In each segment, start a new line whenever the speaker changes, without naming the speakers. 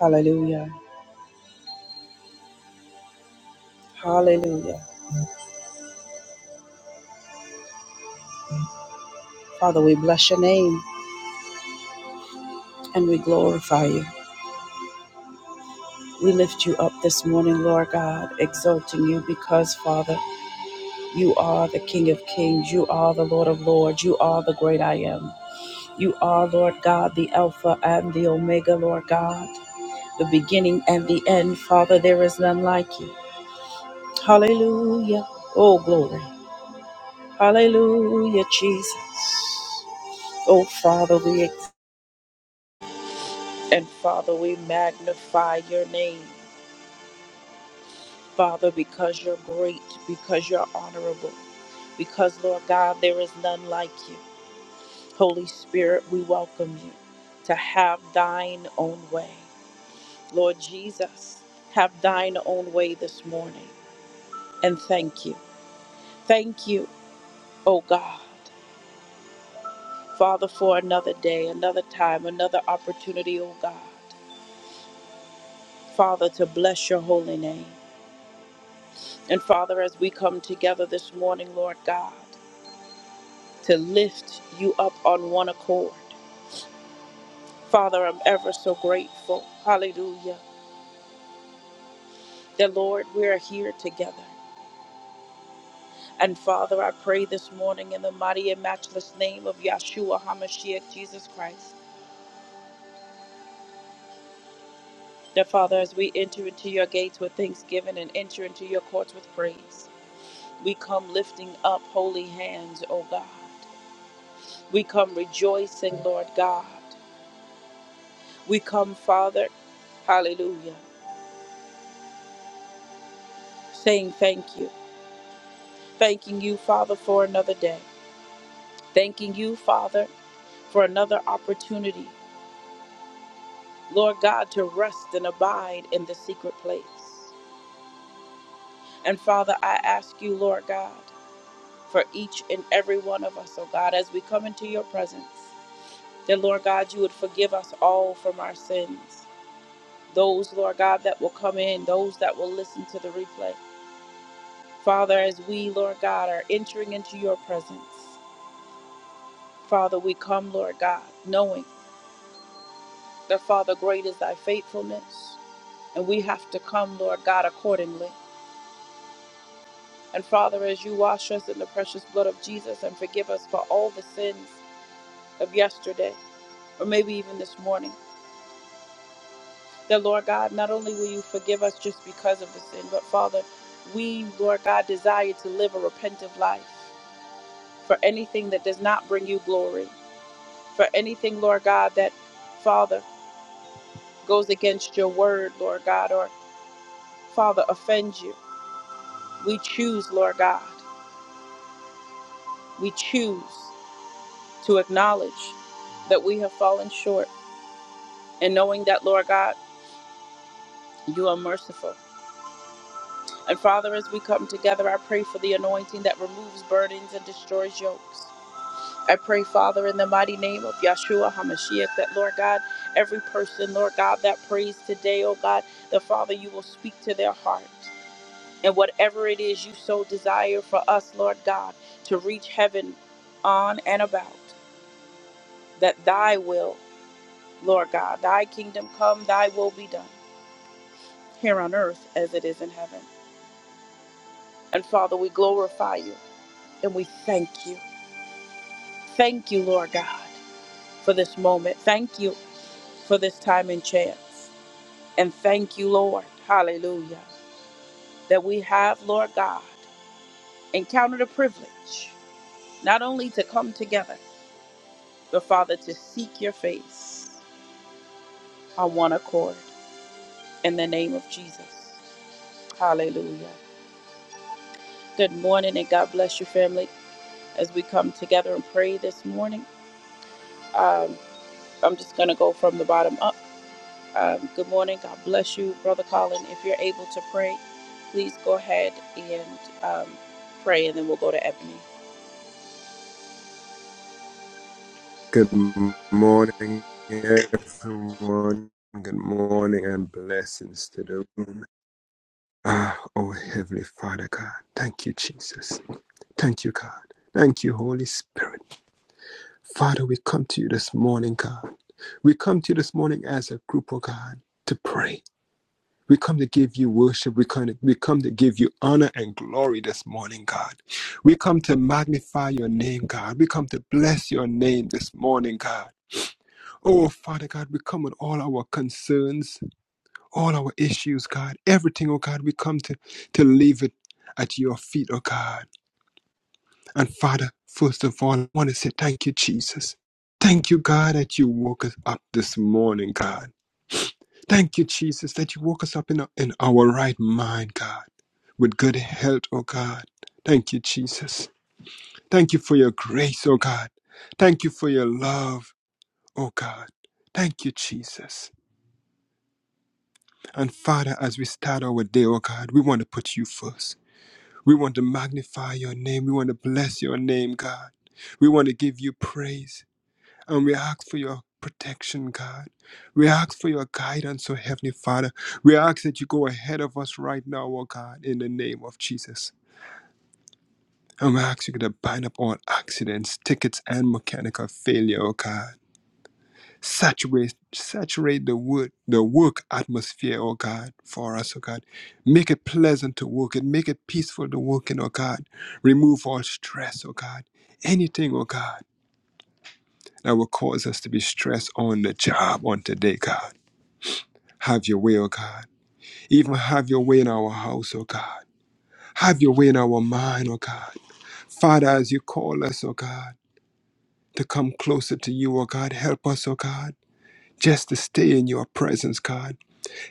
Hallelujah. Hallelujah. Father, we bless your name and we glorify you. We lift you up this morning, Lord God, exalting you because, Father, you are the King of Kings. You are the Lord of Lords. You are the great I am. You are, Lord God, the Alpha and the Omega, Lord God, the beginning and the end. Father, there is none like you. Hallelujah. Oh, glory. Hallelujah, Jesus. Oh, Father, we exalt. And Father, we magnify your name, Father, because you're great, because you're honorable, because, Lord God, there is none like you. Holy Spirit, we welcome you to have thine own way. Lord Jesus, have thine own way this morning. And thank you. Thank you, oh God, Father, for another day, another time, another opportunity, oh God, Father, to bless your holy name. And Father, as we come together this morning, Lord God, to lift you up on one accord, Father, I'm ever so grateful. Hallelujah. That, Lord, we are here together. And Father, I pray this morning in the mighty and matchless name of Yahshua HaMashiach, Jesus Christ, that, Father, as we enter into your gates with thanksgiving and enter into your courts with praise, we come lifting up holy hands, O God. We come rejoicing, Lord God. We come, Father, hallelujah, saying thank you. Thanking you, Father, for another day. Thanking you, Father, for another opportunity, Lord God, to rest and abide in the secret place. And Father, I ask you, Lord God, for each and every one of us, oh God, as we come into your presence, that, Lord God, you would forgive us all from our sins. Those, Lord God, that will come in, those that will listen to the replay. Father, as we, Lord God, are entering into your presence. Father, we come, Lord God, knowing that, Father, great is thy faithfulness, and we have to come, Lord God, accordingly. And Father, as you wash us in the precious blood of Jesus and forgive us for all the sins of yesterday, or maybe even this morning, that, Lord God, not only will you forgive us just because of the sin, but Father, we, Lord God, desire to live a repentant life for anything that does not bring you glory, for anything, Lord God, that, Father, goes against your word, Lord God, or Father, offend you. We choose, Lord God, we choose to acknowledge that we have fallen short and knowing that, Lord God, you are merciful. And Father, as we come together, I pray for the anointing that removes burdens and destroys yokes. I pray, Father, in the mighty name of Yahshua HaMashiach, that, Lord God, every person, Lord God, that prays today, oh God, the Father, you will speak to their heart. and whatever it is you so desire for us, Lord God, to reach heaven on and about, that thy will, Lord God, thy kingdom come, thy will be done here on earth as it is in heaven. And Father, we glorify you and we thank you. Thank you, Lord God, for this moment. Thank you for this time and chance. And thank you, Lord, hallelujah, that we have, Lord God, encountered a privilege not only to come together So, Father, to seek your face on one accord in the name of Jesus. Hallelujah. Good morning and God bless your family as we come together and pray this morning. Um, I'm just going to go from the bottom up. Um, good morning. God bless you, Brother Colin. If you're able to pray, please go ahead and um, pray, and then we'll go to Ebony.
Good morning, everyone. Good morning and blessings to the room. Ah, oh Heavenly Father God, thank you, Jesus. Thank you, God. Thank you, Holy Spirit. Father, we come to you this morning, God. We come to you this morning as a group, oh God, to pray. We come to give you worship. We come to, we come to give you honor and glory this morning, God. We come to magnify your name, God. We come to bless your name this morning, God. Oh, Father God, we come with all our concerns, all our issues, God. Everything, oh God, we come to, to leave it at your feet, oh God. And Father, first of all, I want to say thank you, Jesus. Thank you, God, that you woke us up this morning, God. Thank you, Jesus, that you woke us up in, our- in our right mind, God, with good health, oh God. Thank you, Jesus. Thank you for your grace, oh God. Thank you for your love, oh God. Thank you, Jesus. And Father, as we start our day, oh God, we want to put you first. We want to magnify your name. We want to bless your name, God. We want to give you praise. And we ask for your protection, God. We ask for your guidance, oh Heavenly Father. We ask that you go ahead of us right now, oh God, in the name of Jesus. And we ask you to bind up all accidents, tickets, and mechanical failure, oh God. Saturate, saturate the work, the work atmosphere, oh God, for us, oh God. Make it pleasant to work and make it peaceful to work in, oh God. Remove all stress, oh God. Anything, oh God, that will cause us to be stressed on the job on today, God. Have your way, oh God. Even have your way in our house, oh God. Have your way in our mind, oh God. Father, as you call us, oh God, to come closer to you, oh God, help us, oh God, just to stay in your presence, God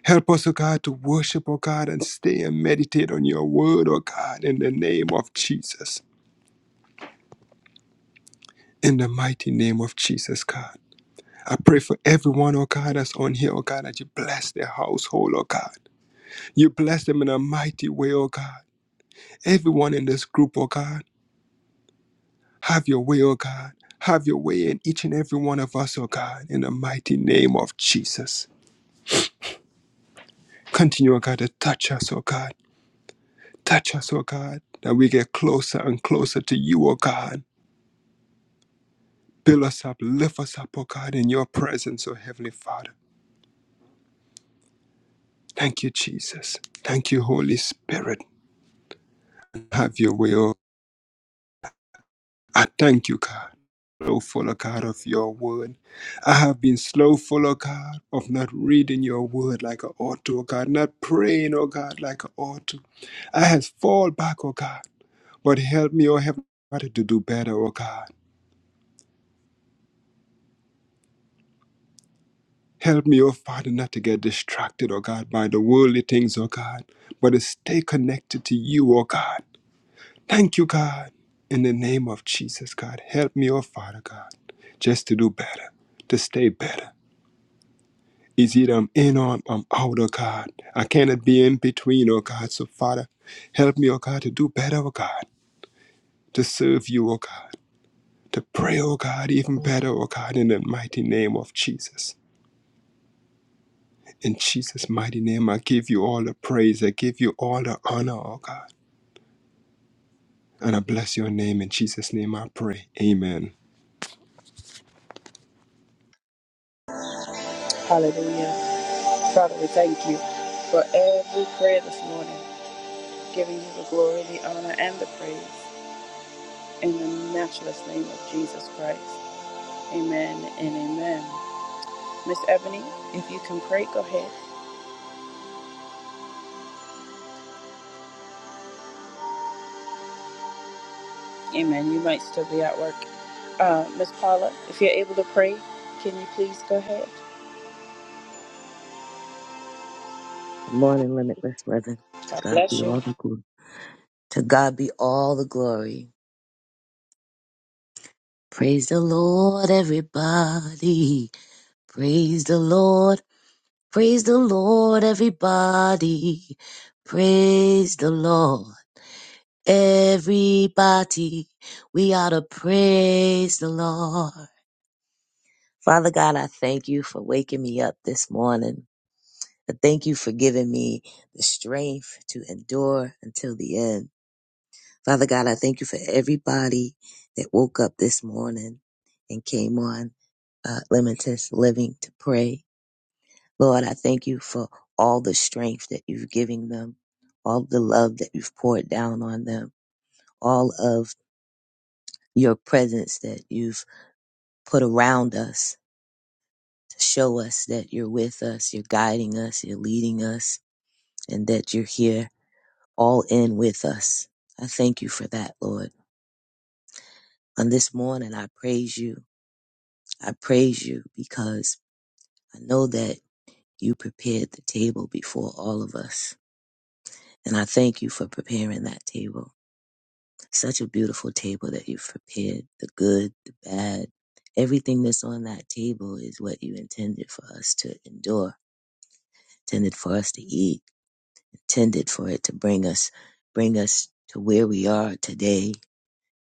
Help us, O God, to worship, O God, and stay and meditate on your word, O God, in the name of Jesus. In the mighty name of Jesus, God. I pray for everyone, oh God, that's on here, oh God, that you bless their household, oh God. You bless them in a mighty way, oh God. Everyone in this group, oh God, have your way, oh God. Have your way in each and every one of us, oh God, in the mighty name of Jesus. Continue, oh God, to touch us, oh God. Touch us, oh God, that we get closer and closer to you, oh God Fill us up, lift us up, oh God, in your presence, oh Heavenly Father. Thank you, Jesus. Thank you, Holy Spirit. Have your way, oh. I thank you, God. Slowful, oh God, of your word. I have been slowful, oh God, of not reading your word like I ought to, O God, not praying, O God, like I ought to. I have fall back, O God, but help me, O Heavenly Father, to do better, O God. Help me, oh Father, not to get distracted, oh God, by the worldly things, oh God, but to stay connected to you, oh God. Thank you, God. In the name of Jesus, God, help me, oh Father, God, just to do better, to stay better. It's either I'm in or I'm I'm out, oh God. I cannot be in between, oh God. So, Father, help me, oh God, to do better, oh God, to serve you, oh God, to pray, oh God, even better, oh God, in the mighty name of Jesus. In Jesus' mighty name, I give you all the praise. I give you all the honor, oh God. And I bless your name. In Jesus' name, I pray. Amen.
Hallelujah. Father, we thank you for every prayer this morning, giving you the glory, the honor, and the praise. in the matchless name of Jesus Christ. Amen and amen. Miss Ebony, if you can pray, go ahead. Amen. You might still be at work. Uh, Miss Paula, if you're able to pray, can you please go ahead?
Good morning, Limitless Living. To
God
God be
bless you.
all the glory. To God be all the glory. Praise the Lord, everybody. Praise the Lord. Praise the Lord, everybody. Praise the Lord, everybody. We ought to praise the Lord. Father God, I thank you for waking me up this morning. I thank you for giving me the strength to endure until the end. Father God, I thank you for everybody that woke up this morning and came on uh, Limitless Living to pray. Lord, I thank you for all the strength that you've given them, all the love that you've poured down on them, all of your presence that you've put around us to show us that you're with us, you're guiding us, you're leading us, and that you're here all in with us. I thank you for that, Lord. On this morning, I praise you. I praise you because I know that you prepared the table before all of us. And I thank you for preparing that table. Such a beautiful table that you've prepared the good, the bad. Everything that's on that table is what you intended for us to endure, intended for us to eat, intended for it to bring us, bring us to where we are today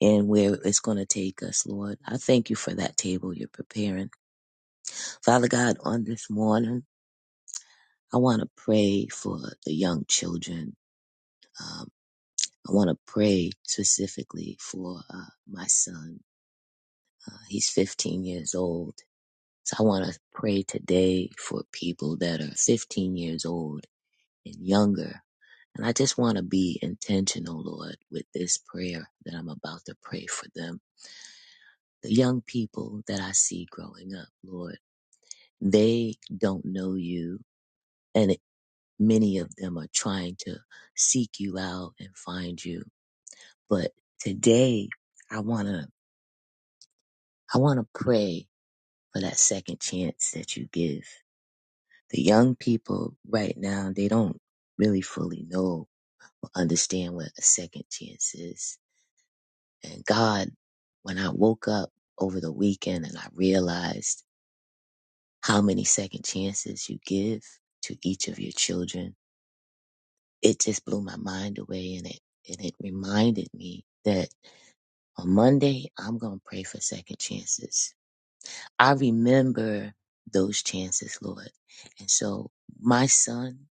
and where it's going to take us, Lord. I thank you for that table you're preparing. Father God, on this morning, I want to pray for the young children. Um, I want to pray specifically for uh, my son. Uh, he's 15 years old. So I want to pray today for people that are 15 years old and younger. And I just want to be intentional, Lord, with this prayer that I'm about to pray for them. The young people that I see growing up, Lord, they don't know you. And it, many of them are trying to seek you out and find you. But today I want to, I want to pray for that second chance that you give. The young people right now, they don't really fully know or understand what a second chance is. And God, when I woke up over the weekend and I realized how many second chances you give to each of your children, it just blew my mind away and it, and it reminded me that on Monday, I'm going to pray for second chances I remember those chances, Lord. And so my son,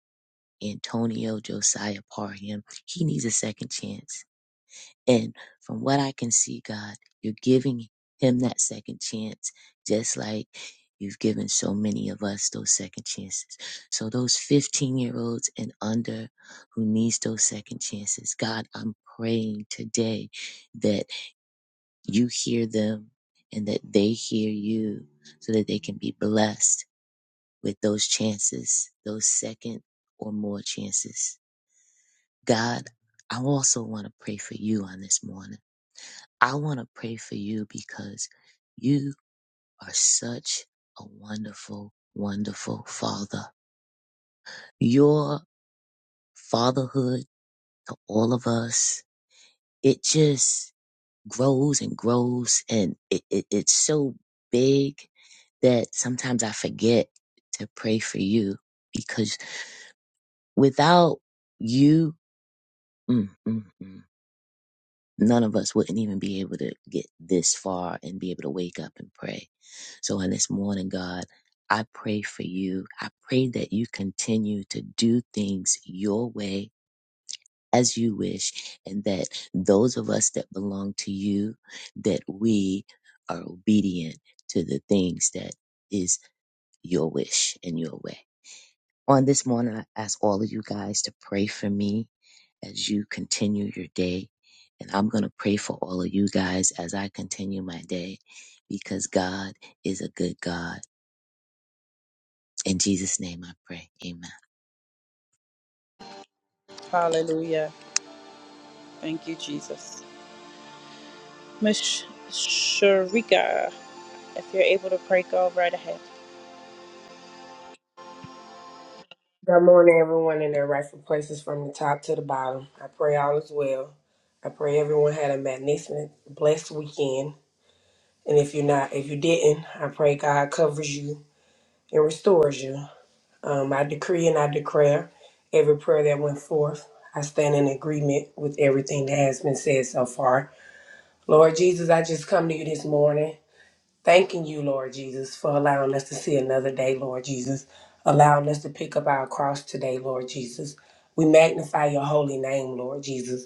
Antonio Josiah Parham, he needs a second chance. And from what I can see, God, you're giving him that second chance, just like you've given so many of us those second chances. So those 15 year olds and under who needs those second chances, God, I'm praying today that you hear them and that they hear you so that they can be blessed with those chances, those second or more chances. God, I also want to pray for you on this morning. I want to pray for you because you are such a wonderful, wonderful father. Your fatherhood to all of us, it just grows and grows and it, it, it's so big that sometimes I forget to pray for you because without you, mm, mm, mm, none of us wouldn't even be able to get this far and be able to wake up and pray. So on this morning, God, I pray for you. I pray that you continue to do things your way as you wish, and that those of us that belong to you, that we are obedient to the things that is your wish and your way. On this morning, I ask all of you guys to pray for me as you continue your day. And I'm going to pray for all of you guys as I continue my day because God is a good God. In Jesus' name I pray. Amen.
Hallelujah. Thank you, Jesus. Miss Sharika, if you're able to pray, go right ahead.
Good morning, everyone in their rightful places from the top to the bottom. I pray all is well. I pray everyone had a magnificent, blessed weekend. And if you're not, if you didn't, I pray God covers you and restores you. Um, I decree and I declare every prayer that went forth. I stand in agreement with everything that has been said so far. Lord Jesus, I just come to you this morning. Thanking you, Lord Jesus, for allowing us to see another day, Lord Jesus, allowing us to pick up our cross today, Lord Jesus. We magnify your holy name, Lord Jesus.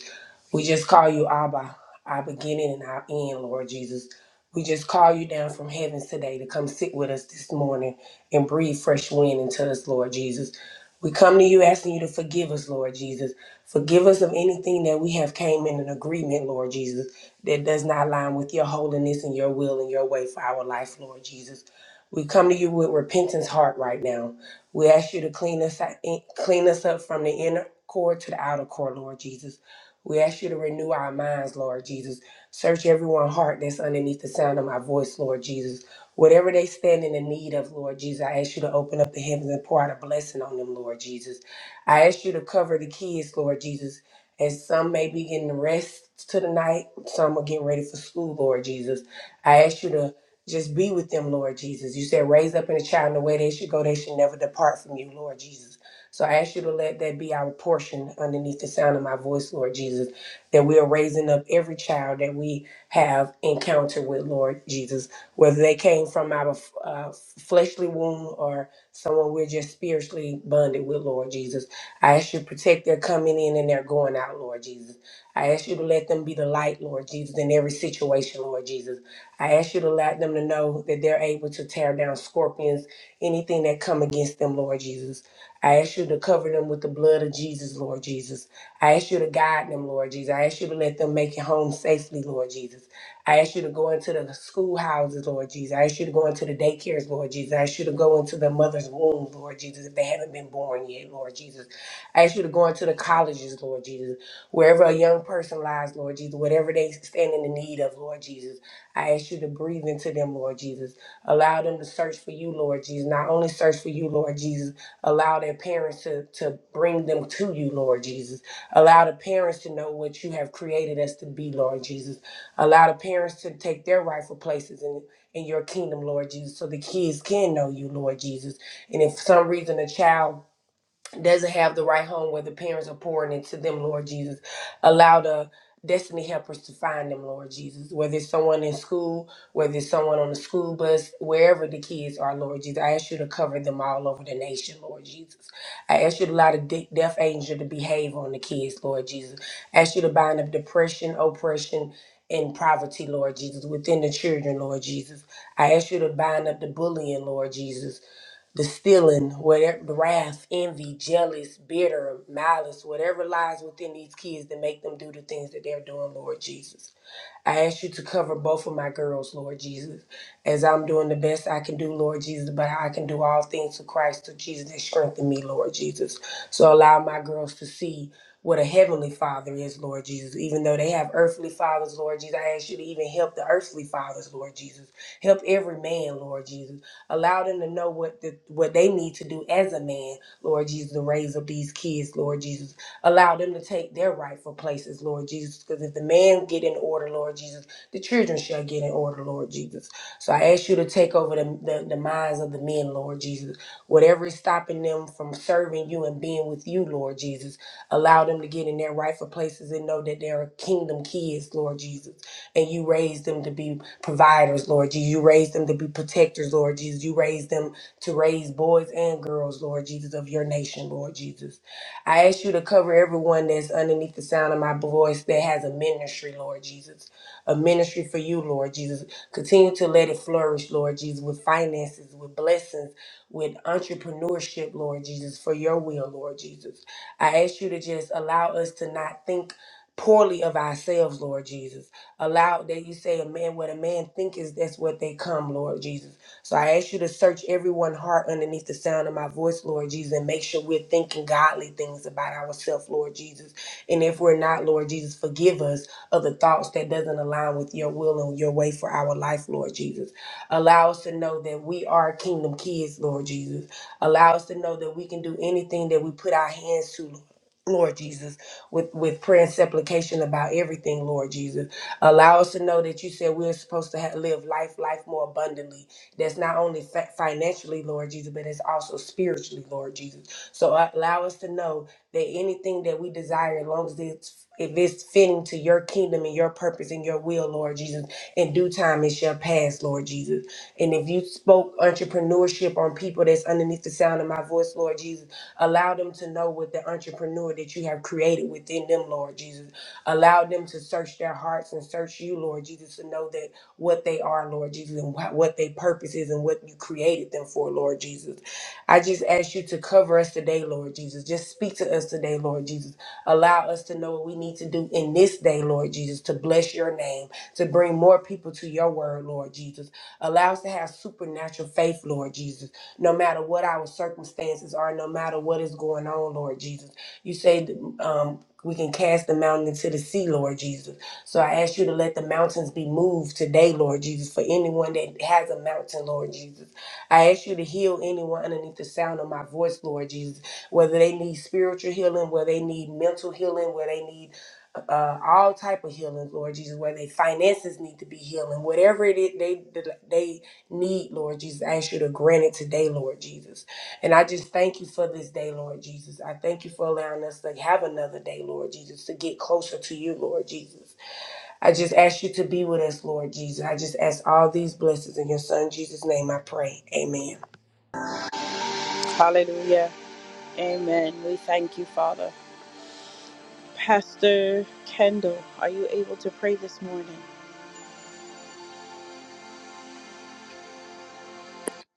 We just call you Abba, our beginning and our end, Lord Jesus. We just call you down from heavens today to come sit with us this morning and breathe fresh wind into us, Lord Jesus. We come to you asking you to forgive us, Lord Jesus. Forgive us of anything that we have came in an agreement, Lord Jesus that does not align with your holiness and your will and your way for our life, Lord Jesus. We come to you with repentance heart right now. We ask you to clean us out- clean us up from the inner core to the outer core, Lord Jesus. We ask you to renew our minds, Lord Jesus. Search everyone's heart that's underneath the sound of my voice, Lord Jesus. Whatever they stand in the need of, Lord Jesus, I ask you to open up the heavens and pour out a blessing on them, Lord Jesus. I ask you to cover the kids, Lord Jesus, as some may be getting rest to the night some are getting ready for school, Lord Jesus. I ask you to just be with them, Lord Jesus. You said raise up in a child in the way they should go, they should never depart from you, Lord Jesus. So I ask you to let that be our portion underneath the sound of my voice, Lord Jesus, that we are raising up every child that we have encountered with, Lord Jesus, whether they came from our uh, fleshly womb or someone we're just spiritually bonded with, Lord Jesus. I ask you to protect their coming in and their going out, Lord Jesus. I ask you to let them be the light, Lord Jesus, in every situation, Lord Jesus. I ask you to let them to know that they're able to tear down scorpions, anything that come against them, Lord Jesus. I ask you to cover them with the blood of Jesus, Lord Jesus. I ask you to guide them, Lord Jesus. I ask you to let them make it home safely, Lord Jesus. I ask you to go into the schoolhouses, Lord Jesus. I ask you to go into the daycares, Lord Jesus. I ask you to go into the mother's womb, Lord Jesus, if they haven't been born yet, Lord Jesus. I ask you to go into the colleges, Lord Jesus. Wherever a young person lies, Lord Jesus, whatever they stand in the need of, Lord Jesus, I ask you to breathe into them, Lord Jesus. Allow them to search for you, Lord Jesus. Not only search for you, Lord Jesus, allow their parents to, to bring them to you, Lord Jesus. Allow the parents to know what you have created us to be, Lord Jesus. Allow the parents to take their rightful places in, in your kingdom, Lord Jesus, so the kids can know you, Lord Jesus. And if for some reason a child doesn't have the right home where the parents are pouring into them, Lord Jesus. Allow the destiny helpers to find them, Lord Jesus. Whether it's someone in school, whether it's someone on the school bus, wherever the kids are, Lord Jesus, I ask you to cover them all over the nation, Lord Jesus. I ask you to allow the de- deaf angel to behave on the kids, Lord Jesus. I ask you to bind up depression, oppression, and poverty, Lord Jesus, within the children, Lord Jesus. I ask you to bind up the bullying, Lord Jesus the stealing, whatever the wrath, envy, jealous, bitter, malice, whatever lies within these kids that make them do the things that they're doing, Lord Jesus. I ask you to cover both of my girls, Lord Jesus, as I'm doing the best I can do, Lord Jesus, but I can do all things through Christ, through Jesus that strengthen me, Lord Jesus. So allow my girls to see what a heavenly father is, Lord Jesus. Even though they have earthly fathers, Lord Jesus, I ask you to even help the earthly fathers, Lord Jesus. Help every man, Lord Jesus. Allow them to know what the, what they need to do as a man, Lord Jesus, to raise up these kids, Lord Jesus. Allow them to take their rightful places, Lord Jesus. Because if the man get in order, Lord Jesus, the children shall get in order, Lord Jesus. So I ask you to take over the, the, the minds of the men, Lord Jesus. Whatever is stopping them from serving you and being with you, Lord Jesus, allow them to get in their rightful places and know that they're kingdom kids, Lord Jesus and you raised them to be providers, Lord Jesus. You raised them to be protectors, Lord Jesus. You raised them to raise boys and girls, Lord Jesus, of your nation, Lord Jesus. I ask you to cover everyone that's underneath the sound of my voice that has a ministry, Lord Jesus. A ministry for you, Lord Jesus. Continue to let it flourish, Lord Jesus, with finances, with blessings, with entrepreneurship, Lord Jesus, for your will, Lord Jesus. I ask you to just allow us to not think poorly of ourselves, Lord Jesus Allow that you say a man what a man thinketh, that's what they come, Lord Jesus. So I ask you to search everyone's heart underneath the sound of my voice, Lord Jesus, and make sure we're thinking godly things about ourselves, Lord Jesus. And if we're not, Lord Jesus, forgive us of the thoughts that doesn't align with your will and your way for our life, Lord Jesus. Allow us to know that we are kingdom kids, Lord Jesus. Allow us to know that we can do anything that we put our hands to, Lord Jesus, with, with prayer and supplication about everything, Lord Jesus. Allow us to know that you said we're supposed to have, live life, life more abundantly. That's not only fa- financially, Lord Jesus, but it's also spiritually, Lord Jesus. So uh, allow us to know that anything that we desire, as long as it's if it's fitting to your kingdom and your purpose and your will, Lord Jesus, in due time it shall pass, Lord Jesus. And if you spoke entrepreneurship on people that's underneath the sound of my voice, Lord Jesus, allow them to know what the entrepreneur that you have created within them, Lord Jesus. Allow them to search their hearts and search you, Lord Jesus, to know that what they are, Lord Jesus, and wh- what their purpose is and what you created them for, Lord Jesus. I just ask you to cover us today, Lord Jesus. Just speak to us today, Lord Jesus. Allow us to know what we need to do in this day, Lord Jesus, to bless your name, to bring more people to your word, Lord Jesus. Allow us to have supernatural faith, Lord Jesus, no matter what our circumstances are, no matter what is going on, Lord Jesus. You say um, we can cast the mountain into the sea, Lord Jesus. So I ask you to let the mountains be moved today, Lord Jesus, for anyone that has a mountain, Lord Jesus. I ask you to heal anyone underneath the sound of my voice, Lord Jesus whether they need spiritual healing, whether they need mental healing, where they need uh, all type of healing, Lord Jesus, where their finances need to be healing, whatever it is they they need, Lord Jesus, I ask you to grant it today, Lord Jesus. And I just thank you for this day, Lord Jesus. I thank you for allowing us to have another day, Lord Jesus, to get closer to you, Lord Jesus. I just ask you to be with us, Lord Jesus. I just ask all these blessings in your son Jesus' name. I pray. Amen.
Hallelujah. Amen. We thank you, Father. Pastor Kendall, are you able to pray this morning?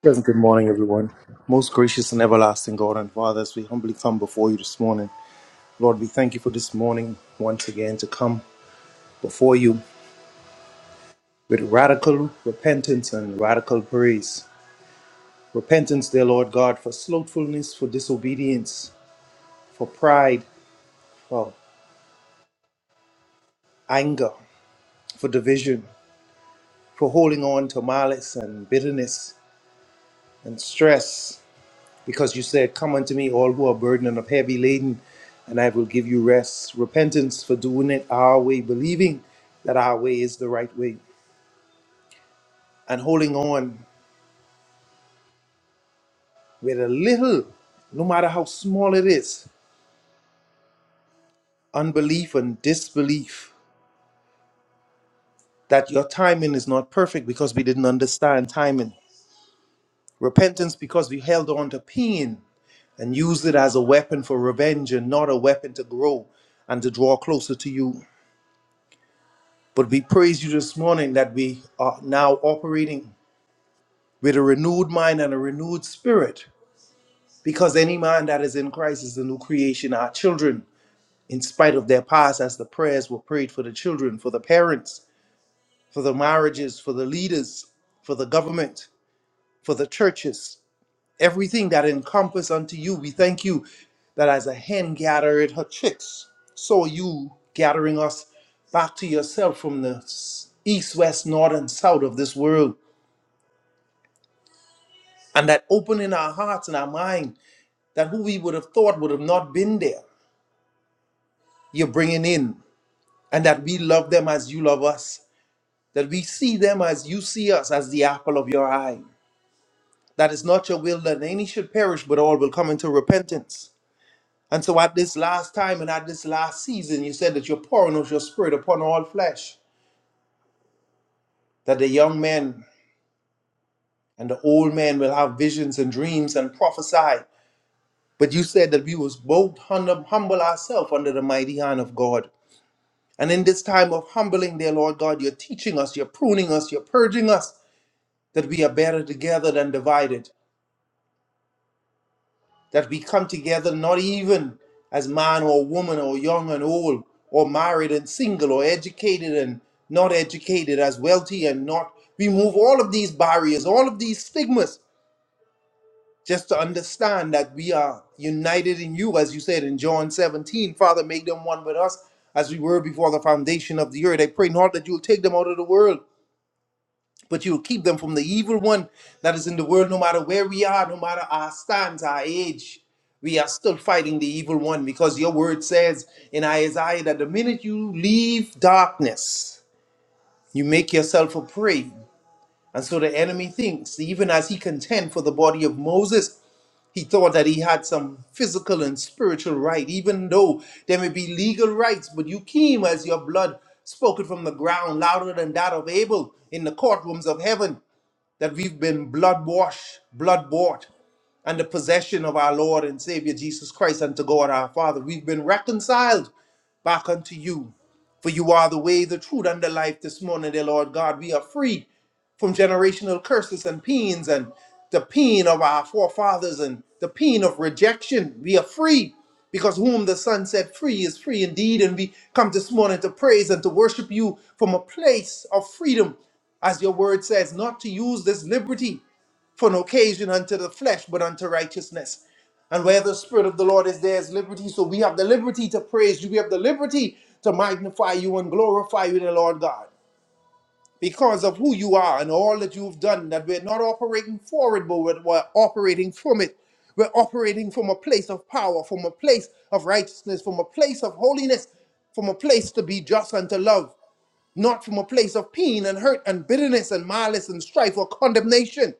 Pleasant good morning, everyone. Most gracious and everlasting God and Father, as we humbly come before you this morning, Lord, we thank you for this morning once again to come before you with radical repentance and radical praise. Repentance, dear Lord God, for slothfulness, for disobedience, for pride, for anger, for division, for holding on to malice and bitterness and stress. because you said, Come unto me, all who are burdened and are heavy laden, and I will give you rest. Repentance for doing it our way, believing that our way is the right way, and holding on with a little, no matter how small it is, unbelief and disbelief that your timing is not perfect because we didn't understand timing. Repentance because we held on to pain and used it as a weapon for revenge and not a weapon to grow and to draw closer to you But we praise you this morning that we are now operating with a renewed mind and a renewed spirit, because any man that is in Christ is the new creation. Our children, in spite of their past, as the prayers were prayed for the children, for the parents, for the marriages, for the leaders, for the government, for the churches, everything that encompass unto you, we thank you that as a hen gathered her chicks, so you gathering us back to yourself from the east, west, north, and south of this world and that opening our hearts and our mind that who we would have thought would have not been there you're bringing in and that we love them as you love us that we see them as you see us as the apple of your eye That it's not your will that any should perish but all will come into repentance and so at this last time and at this last season you said that you're pouring out your spirit upon all flesh that the young men and the old men will have visions and dreams and prophesy but you said that we was both hum- humble ourselves under the mighty hand of god And in this time of humbling, dear Lord God, you're teaching us, you're pruning us, you're purging us that we are better together than divided, that we come together not even as man or woman or young and old, or married and single, or educated and not educated, as wealthy and not. We move all of these barriers, all of these stigmas, just to understand that we are united in you, as you said in John 17. Father, make them one with us as we were before the foundation of the earth. I pray not that you'll take them out of the world but you will keep them from the evil one that is in the world, no matter where we are, no matter our stance, our age. We are still fighting the evil one because your word says in Isaiah that the minute you leave darkness, you make yourself a prey. And so the enemy thinks, even as he contend for the body of Moses, he thought that he had some physical and spiritual right, even though there may be legal rights, but you came as your blood spoken from the ground louder than that of Abel in the courtrooms of heaven that we've been blood washed, blood bought, and the possession of our Lord and Savior Jesus Christ unto God our Father. We've been reconciled back unto you. For you are the way, the truth, and the life this morning, dear Lord God. We are free from generational curses and pains and the pain of our forefathers and the pain of rejection. We are free because whom the Son set free is free indeed. And we come this morning to praise and to worship you from a place of freedom, as your word says, not to use this liberty for no occasion unto the flesh, but unto righteousness. And where the Spirit of the Lord is, there is liberty. So we have the liberty to praise you. We have the liberty to magnify you and glorify you, the Lord God, because of who you are and all that you've done, that we're not operating for it, but we're we're operating from it. We're operating from a place of power, from a place of righteousness, from a place of holiness, from a place to be just and to love, not from a place of pain and hurt and bitterness and malice and strife or condemnation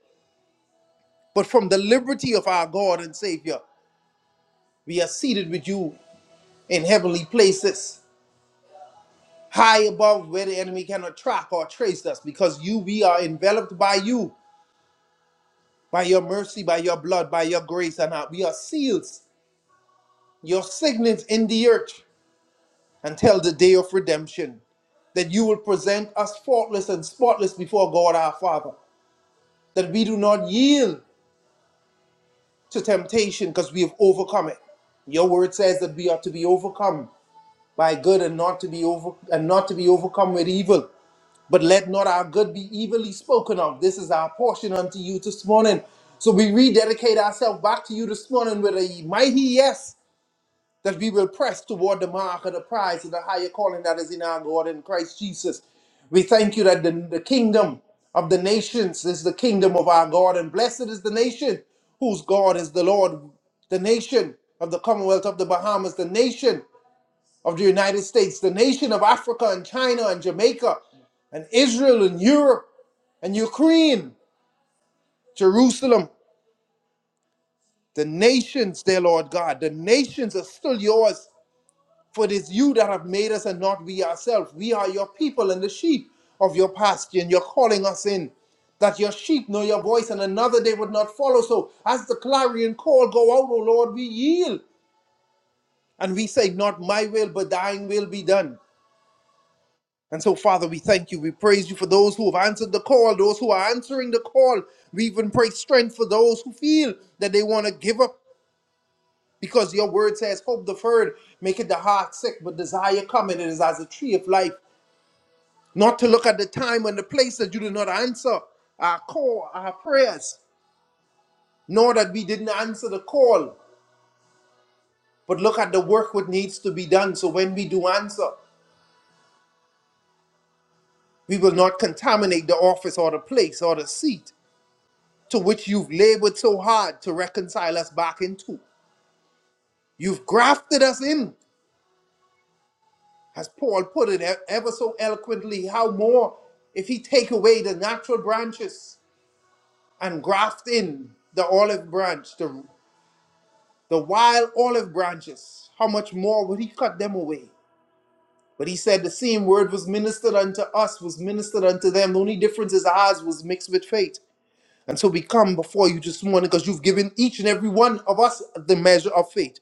but from the liberty of our God and Savior, we are seated with you in heavenly places, high above where the enemy cannot track or trace us, because you, we are enveloped by you, by your mercy, by your blood, by your grace, and our- we are seals, your signets in the earth until the day of redemption, that you will present us faultless and spotless before God our Father, that we do not yield to temptation because we have overcome it. Your word says that we are to be overcome by good and not to be over and not to be overcome with evil. But let not our good be evilly spoken of. This is our portion unto you this morning. So we rededicate ourselves back to you this morning with a mighty yes that we will press toward the mark of the prize of the higher calling that is in our God in Christ Jesus. We thank you that the, the kingdom of the nations is the kingdom of our God, and blessed is the nation whose God is the Lord, the nation of the Commonwealth of the Bahamas, the nation of the United States, the nation of Africa and China and Jamaica and Israel and Europe and Ukraine, Jerusalem, the nations, dear Lord God, the nations are still yours, for it is you that have made us and not we ourselves. We are your people and the sheep of your pasture, and you're calling us in. That your sheep know your voice and another they would not follow. So, as the clarion call go out, O Lord, we yield and we say, Not my will, but thine will be done. And so, Father, we thank you. We praise you for those who have answered the call, those who are answering the call. We even pray strength for those who feel that they want to give up because your word says, Hope deferred, make the heart sick, but desire coming. It is as a tree of life. Not to look at the time and the place that you did not answer our call, our prayers, nor that we didn't answer the call, but look at the work what needs to be done. So when we do answer, we will not contaminate the office or the place or the seat to which you've labored so hard to reconcile us back into. You've grafted us in, as Paul put it e- ever so eloquently. How more if he take away the natural branches and graft in the olive branch, the, the wild olive branches? How much more would he cut them away? But he said the same word was ministered unto us, was ministered unto them. The only difference is ours was mixed with faith. And so we come before you this morning because you've given each and every one of us the measure of faith.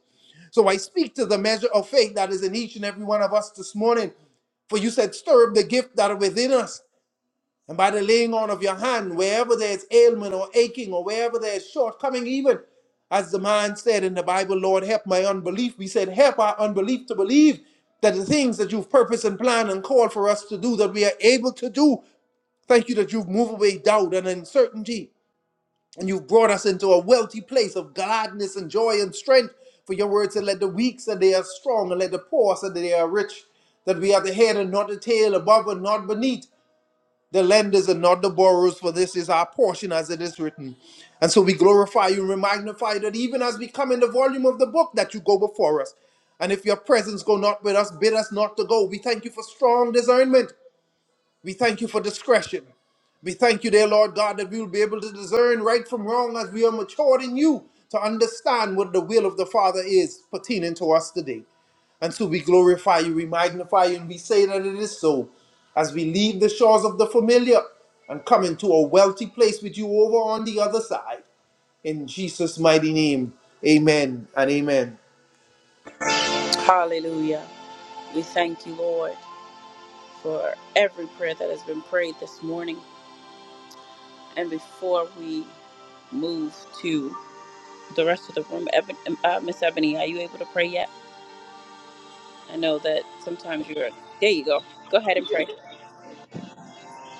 So I speak to the measure of faith that is in each and every one of us this morning. For you said, stir up the gift that are within us. And by the laying on of your hand, wherever there's ailment or aching or wherever there's shortcoming, even as the man said in the Bible, Lord, help my unbelief. We said, help our unbelief to believe that the things that you've purposed and planned and called for us to do, that we are able to do. Thank you that you've moved away doubt and uncertainty. And you've brought us into a wealthy place of gladness and joy and strength. For your word said, Let the weak say they are strong, and let the poor say they are rich. That we are the head and not the tail, above and not beneath, the lenders and not the borrowers, for this is our portion as it is written. And so we glorify you and we magnify you that even as we come in the volume of the book, that you go before us. And if your presence go not with us, bid us not to go. We thank you for strong discernment we thank you for discretion. We thank you, dear Lord God, that we will be able to discern right from wrong as we are matured in you to understand what the will of the Father is pertaining to us today. And so we glorify you, we magnify you, and we say that it is so. As we leave the shores of the familiar and come into a wealthy place with you over on the other side. In Jesus' mighty name, amen and amen.
Hallelujah. We thank you, Lord. for every prayer that has been prayed this morning. And before we move to the rest of the room, Eben, uh, Miss Ebony, are you able to pray yet? I know that sometimes you're. There you go. Go ahead and pray.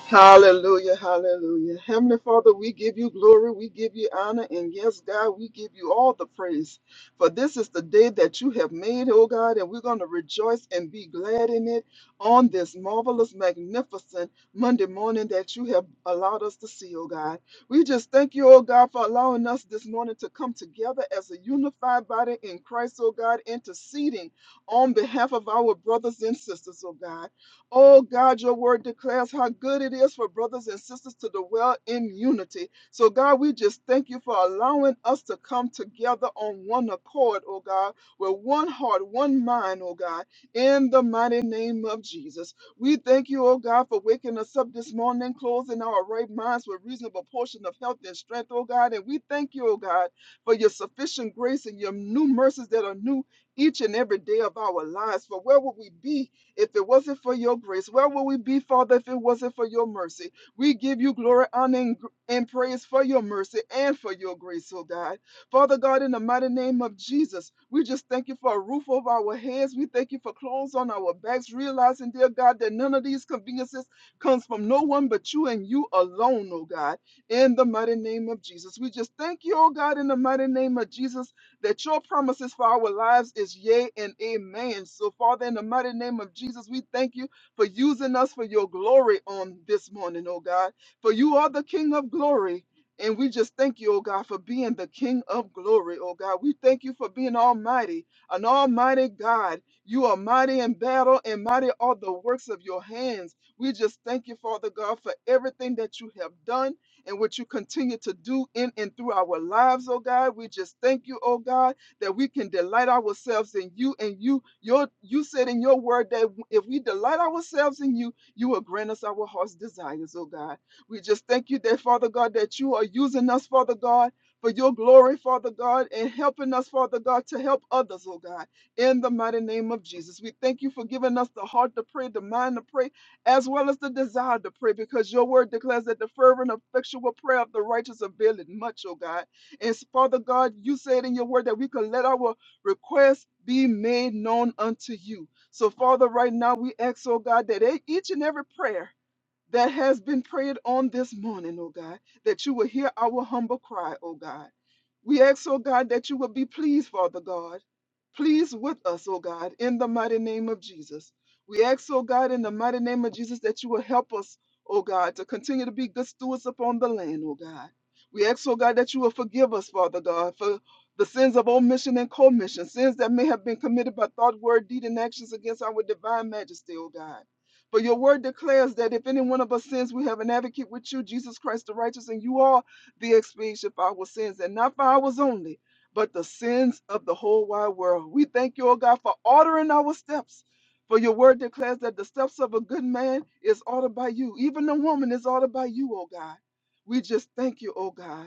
Hallelujah, hallelujah. Heavenly Father, we give you glory, we give you honor, and yes, God, we give you all the praise. For this is the day that you have made, oh God, and we're going to rejoice and be glad in it on this marvelous, magnificent Monday morning that you have allowed us to see, oh God. We just thank you, oh God, for allowing us this morning to come together as a unified body in Christ, oh God, interceding on behalf of our brothers and sisters, oh God. Oh God, your word declares how good it is for brothers and sisters to dwell in unity. So, God, we just thank you for allowing us to come together on one accord, oh God, with one heart, one mind, oh God, in the mighty name of Jesus. We thank you, oh God, for waking us up this morning, closing our right minds with reasonable portion of health and strength, oh God. And we thank you, oh God, for your sufficient grace and your new mercies that are new each and every day of our lives. For where would we be? If it wasn't for your grace, where would we be, Father, if it wasn't for your mercy? We give you glory, honor, and, and praise for your mercy and for your grace, oh God. Father God, in the mighty name of Jesus, we just thank you for a roof over our heads. We thank you for clothes on our backs, realizing, dear God, that none of these conveniences comes from no one but you and you alone, oh God. In the mighty name of Jesus, we just thank you, oh God, in the mighty name of Jesus that your promises for our lives is yea and amen. So, Father, in the mighty name of Jesus, we thank you for using us for your glory on this morning, oh God. For you are the King of glory. And we just thank you, oh God, for being the King of glory, oh God. We thank you for being almighty, an almighty God. You are mighty in battle, and mighty are the works of your hands. We just thank you, Father God, for everything that you have done and what you continue to do in and through our lives, oh God. We just thank you, oh God, that we can delight ourselves in you and you your you said in your word that if we delight ourselves in you, you will grant us our heart's desires, oh God. We just thank you that, Father God, that you are using us, Father God, for your glory, Father God, and helping us, Father God, to help others, oh God, in the mighty name of Jesus. We thank you for giving us the heart to pray, the mind to pray, as well as the desire to pray, because your word declares that the fervent, effectual prayer of the righteous availeth much, oh God. And Father God, you said in your word that we could let our requests be made known unto you. So, Father, right now we ask, oh God, that e- each and every prayer that has been prayed on this morning, oh God, that you will hear our humble cry, oh God. We ask, oh God, that you will be pleased, Father God. Please with us, oh God, in the mighty name of Jesus. We ask, oh God, in the mighty name of Jesus, that you will help us, oh God, to continue to be good stewards upon the land, oh God. We ask, oh God, that you will forgive us, Father God, for the sins of omission and commission, sins that may have been committed by thought, word, deed, and actions against our divine majesty, oh God. For your word declares that if any one of us sins, we have an advocate with you, Jesus Christ the righteous, and you are the expiation for our sins, and not for ours only, but the sins of the whole wide world. We thank you, O God, for ordering our steps. For your word declares that the steps of a good man is ordered by you. Even the woman is ordered by you, O God. We just thank you, O God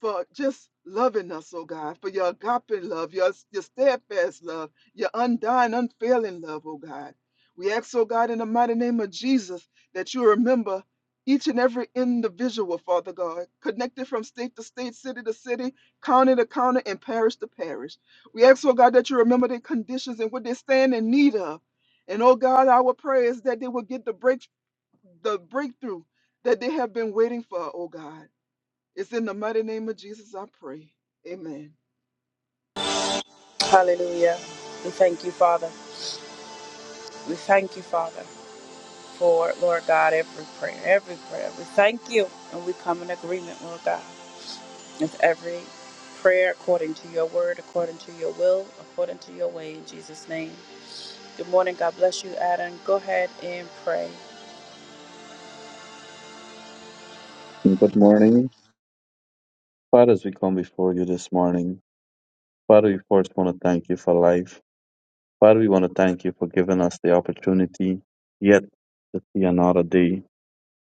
for just loving us, oh God, for your agape love, your, your steadfast love, your undying, unfailing love, oh God. We ask, oh God, in the mighty name of Jesus, that you remember each and every individual, Father God, connected from state to state, city to city, county to county, and parish to parish. We ask, oh God, that you remember their conditions and what they stand in need of. And oh God, our prayer is that they will get the break the breakthrough that they have been waiting for, oh God. It's in the mighty name of Jesus I pray. Amen.
Hallelujah. We thank you, Father. We thank you, Father, for, Lord God, every prayer, every prayer. We thank you, and we come in agreement, Lord God, with every prayer according to your word, according to your will, according to your way, in Jesus' name. Good morning. God bless you, Adam. Go ahead and pray.
Good morning. Father, as we come before you this morning, Father, we first want to thank you for life. Father, we want to thank you for giving us the opportunity yet to see another day.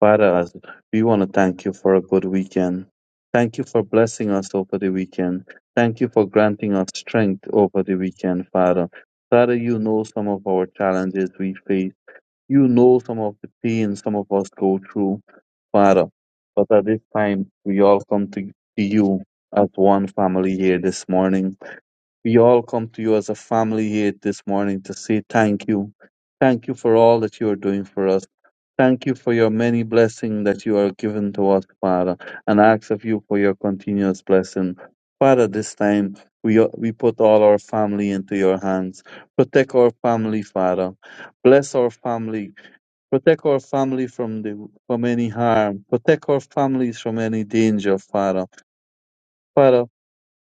Father, as we want to thank you for a good weekend. Thank you for blessing us over the weekend. Thank you for granting us strength over the weekend, Father. Father, you know some of our challenges we face. You know some of the pain some of us go through, Father, but at this time we all come to, to you as one family here this morning. We all come to you as a family here this morning to say thank you. Thank you for all that you are doing for us. Thank you for your many blessings that you are giving to us, Father, and I ask of you for your continuous blessing. Father, this time we, we put all our family into your hands. Protect our family, Father. Bless our family. Protect our family from the from any harm. Protect our families from any danger, Father. Father,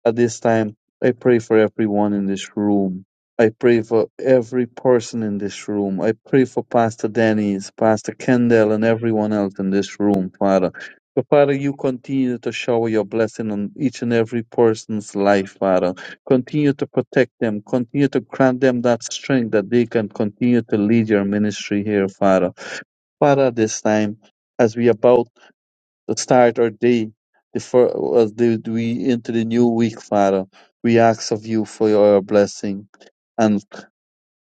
at this time, I pray for everyone in this room. I pray for every person in this room. I pray for Pastor Dennis, Pastor Kendall, and everyone else in this room, Father. So, Father, you continue to shower your blessing on each and every person's life, Father. Continue to protect them. Continue to grant them that strength that they can continue to lead your ministry here, Father. Father, this time, as we about to start our day, the fir- as the- we into the new week, Father, we ask of you for your blessing and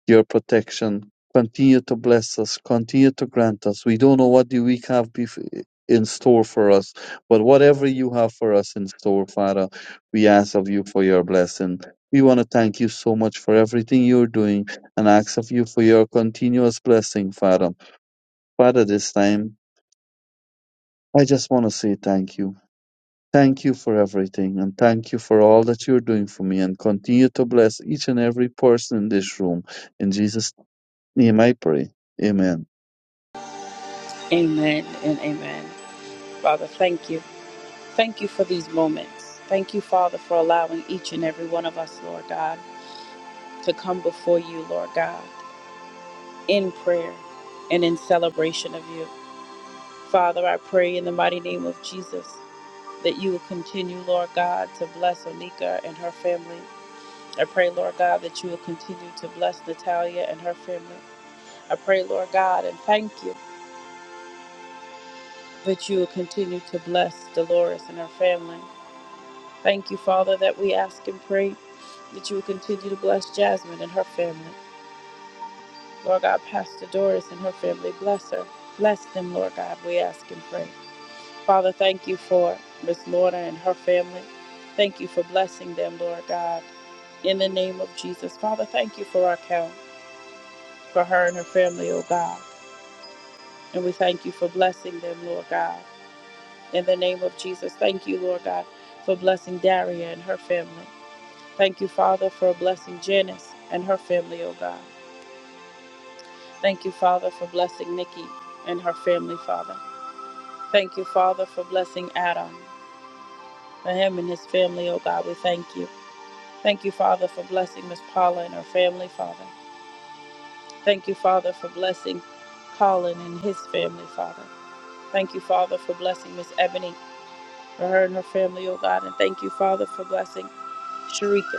your protection. Continue to bless us. Continue to grant us. We don't know what the week have bef- in store for us, but whatever you have for us in store, Father, we ask of you for your blessing. We want to thank you so much for everything you're doing and ask of you for your continuous blessing, Father. Father, this time I just want to say thank you. Thank you for everything and thank you for all that you're doing for me and continue to bless each and every person in this room. In Jesus' name I pray. Amen.
Amen and amen. Father, thank you. Thank you for these moments. Thank you, Father, for allowing each and every one of us, Lord God, to come before you, Lord God, in prayer and in celebration of you. Father, I pray in the mighty name of Jesus that you will continue, Lord God, to bless Onika and her family. I pray, Lord God, that you will continue to bless Natalia and her family. I pray, Lord God, and thank you. that you will continue to bless Dolores and her family. Thank you, Father, that we ask and pray that you will continue to bless Jasmine and her family. Lord God, Pastor Doris and her family, bless her. Bless them, Lord God, we ask and pray. Father, thank you for Miss Lorna and her family. Thank you for blessing them, Lord God. In the name of Jesus, Father, thank you for our count, for her and her family, oh God. And we thank you for blessing them, Lord God. In the name of Jesus, thank you, Lord God, for blessing Daria and her family. Thank you, Father, for blessing Janice and her family, oh God. Thank you, Father, for blessing Nikki and her family, Father. Thank you, Father, for blessing Adam, for him and his family, oh God. We thank you. Thank you, Father, for blessing Miss Paula and her family, Father. Thank you, Father, for blessing Colin and his family, Father. Thank you, Father, for blessing Miss Ebony, for her and her family, oh God. And thank you, Father, for blessing Sharika.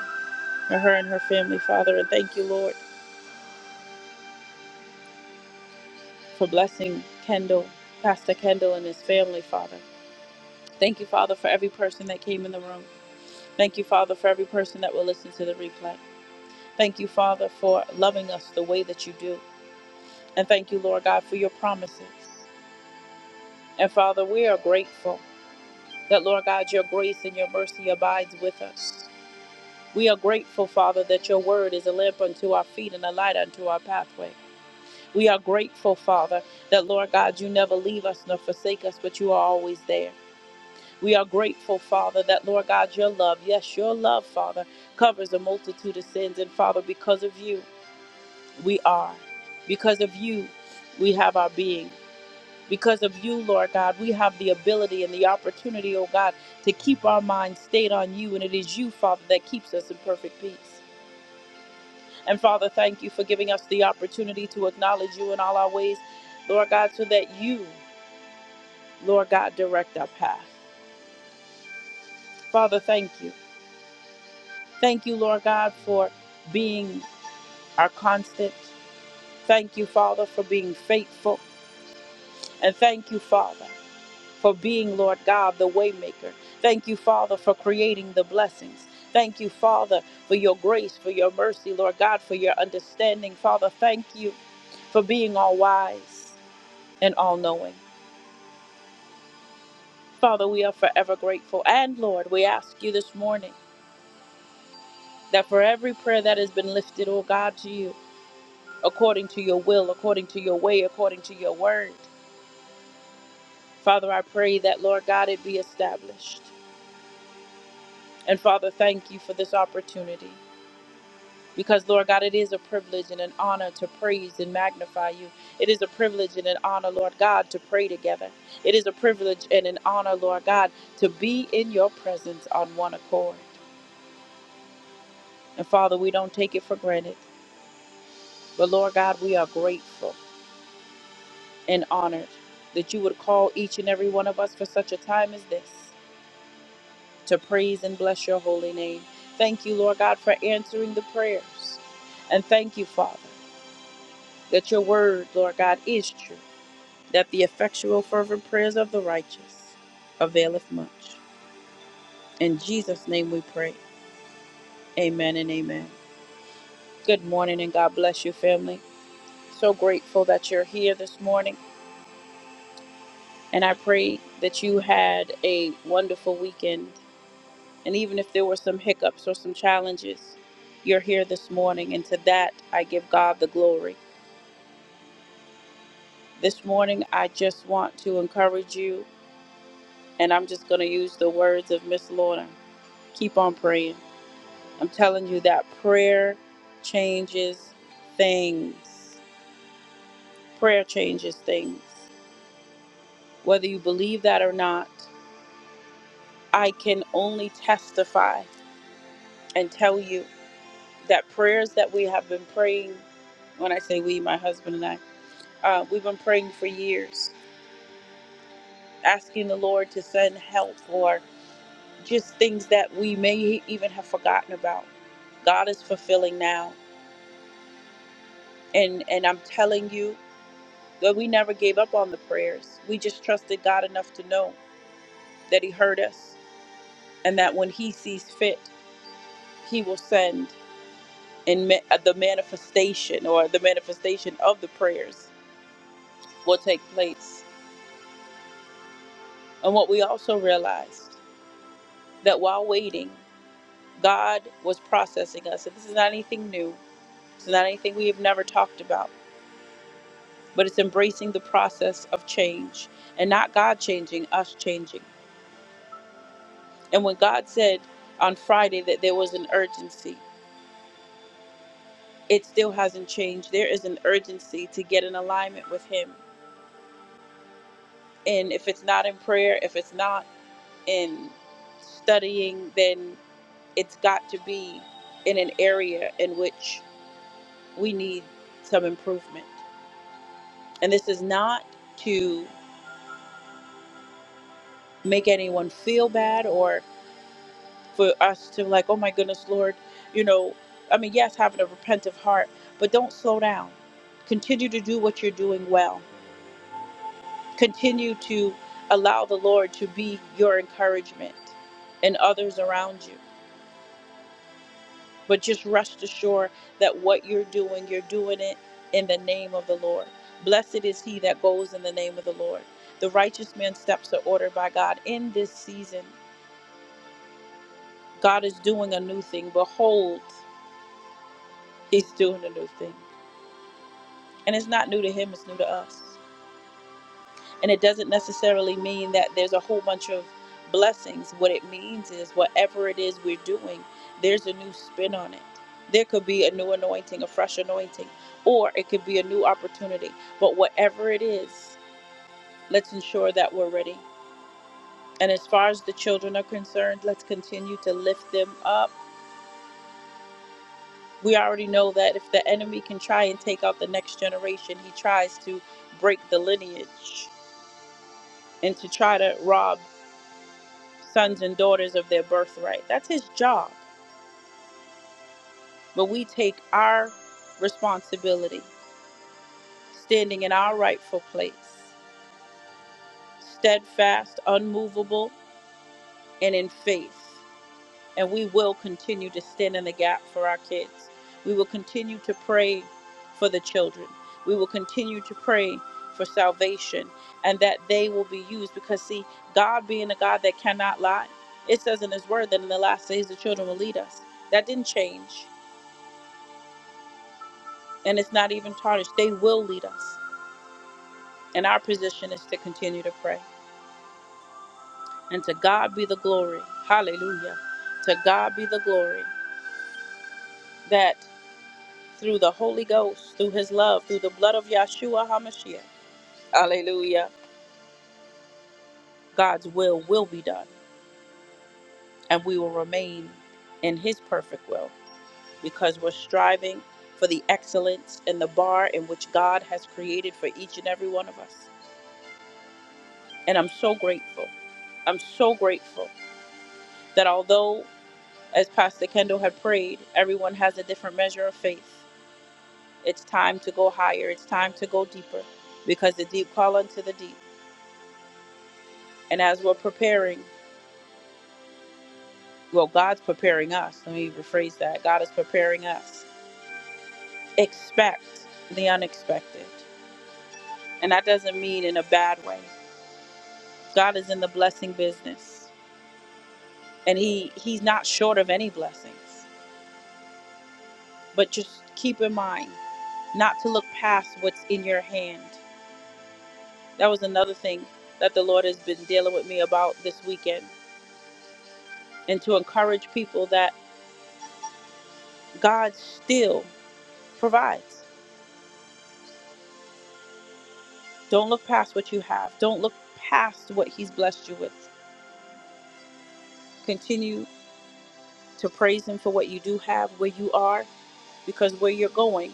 for her and her family, Father. And thank you, Lord, for blessing Kendall, Pastor Kendall, and his family, Father. Thank you, Father, for every person that came in the room. Thank you, Father, for every person that will listen to the replay. Thank you, Father, for loving us the way that you do. And thank you, Lord God, for your promises. And Father, we are grateful that, Lord God, your grace and your mercy abides with us. We are grateful, Father, that your word is a lamp unto our feet and a light unto our pathway. We are grateful, Father, that Lord God, you never leave us nor forsake us, but you are always there. We are grateful, Father, that Lord God, your love, yes, your love, Father, covers a multitude of sins. And Father, because of you, we are. Because of you, we have our being. Because of you, Lord God, we have the ability and the opportunity, oh God, to keep our minds stayed on you. And it is you, Father, that keeps us in perfect peace. And Father, thank you for giving us the opportunity to acknowledge you in all our ways, Lord God, so that you, Lord God, direct our path. Father, thank you. Thank you, Lord God, for being our constant. Thank you, Father, for being faithful. And thank you, Father, for being, Lord God, the waymaker. Thank you, Father, for creating the blessings. Thank you, Father, for your grace, for your mercy, Lord God, for your understanding. Father, thank you for being all wise and all knowing. Father, we are forever grateful. And Lord, we ask you this morning that for every prayer that has been lifted, oh God, to you, according to your will, according to your way, according to your word, Father, I pray that, Lord God, it be established. And Father, thank you for this opportunity. Because, Lord God, it is a privilege and an honor to praise and magnify you. It is a privilege and an honor, Lord God, to pray together. It is a privilege and an honor, Lord God, to be in your presence on one accord. And Father, we don't take it for granted. But Lord God, we are grateful and honored that you would call each and every one of us for such a time as this to praise and bless your holy name. Thank you, Lord God, for answering the prayers. And thank you, Father, that your word, Lord God, is true, that the effectual, fervent prayers of the righteous availeth much. In Jesus' name we pray. Amen and amen. Good morning and God bless you, family. So grateful that you're here this morning. And I pray that you had a wonderful weekend. And even if there were some hiccups or some challenges, you're here this morning. And to that, I give God the glory. This morning, I just want to encourage you. And I'm just going to use the words of Miss Lorna keep on praying. I'm telling you that prayer changes things. Prayer changes things. Whether you believe that or not, I can only testify and tell you that prayers that we have been praying, when I say we, my husband and I, uh, we've been praying for years, asking the Lord to send help for just things that we may even have forgotten about. God is fulfilling now. And, and I'm telling you that we never gave up on the prayers. We just trusted God enough to know that He heard us and that when He sees fit, He will send and ma- the manifestation or the manifestation of the prayers will take place And what we also realized that while waiting, God was processing us. And this is not anything new, it's not anything we have never talked about, but it's embracing the process of change and not God changing, us changing. And when God said on Friday that there was an urgency, it still hasn't changed. There is an urgency to get in alignment with Him. And if it's not in prayer, if it's not in studying, then it's got to be in an area in which we need some improvement. And this is not to make anyone feel bad or for us to like, oh my goodness, Lord, you know, I mean, yes, having a repentant heart, but don't slow down. Continue to do what you're doing well. Continue to allow the Lord to be your encouragement and others around you. But just rest assured that what you're doing, you're doing it in the name of the Lord. Blessed is he that goes in the name of the Lord. The righteous man's steps are ordered by God in this season. God is doing a new thing. Behold, he's doing a new thing. And it's not new to him, it's new to us. And it doesn't necessarily mean that there's a whole bunch of blessings. What it means is whatever it is we're doing, there's a new spin on it. There could be a new anointing, a fresh anointing, or it could be a new opportunity. But whatever it is, let's ensure that we're ready. And as far as the children are concerned, let's continue to lift them up. We already know that if the enemy can try and take out the next generation, he tries to break the lineage and to try to rob sons and daughters of their birthright. That's his job. But we take our responsibility, standing in our rightful place, steadfast, unmovable, and in faith. And we will continue to stand in the gap for our kids. We will continue to pray for the children. We will continue to pray for salvation and that they will be used because, see, God being a God that cannot lie, it says in His Word that in the last days the children will lead us. That didn't change. and it's not even tarnished. They will lead us. And our position is to continue to pray. And to God be the glory. Hallelujah. To God be the glory that through the Holy Ghost, through his love, through the blood of Yahshua HaMashiach, hallelujah, God's will will be done. And we will remain in his perfect will because we're striving for the excellence and the bar in which God has created for each and every one of us. And I'm so grateful. I'm so grateful that although As Pastor Kendall had prayed, everyone has a different measure of faith. It's time to go higher, it's time to go deeper, because the deep call unto the deep. And as we're preparing, well, God's preparing us. Let me rephrase that. God is preparing us. Expect the unexpected. And that doesn't mean in a bad way. God is in the blessing business. And He He's not short of any blessings. But just keep in mind not to look past what's in your hand That was another thing that the Lord has been dealing with me about this weekend, and to encourage people that God still provides. Don't look past what you have, don't look past what He's blessed you with. Continue to praise Him for what you do have, where you are, because where you're going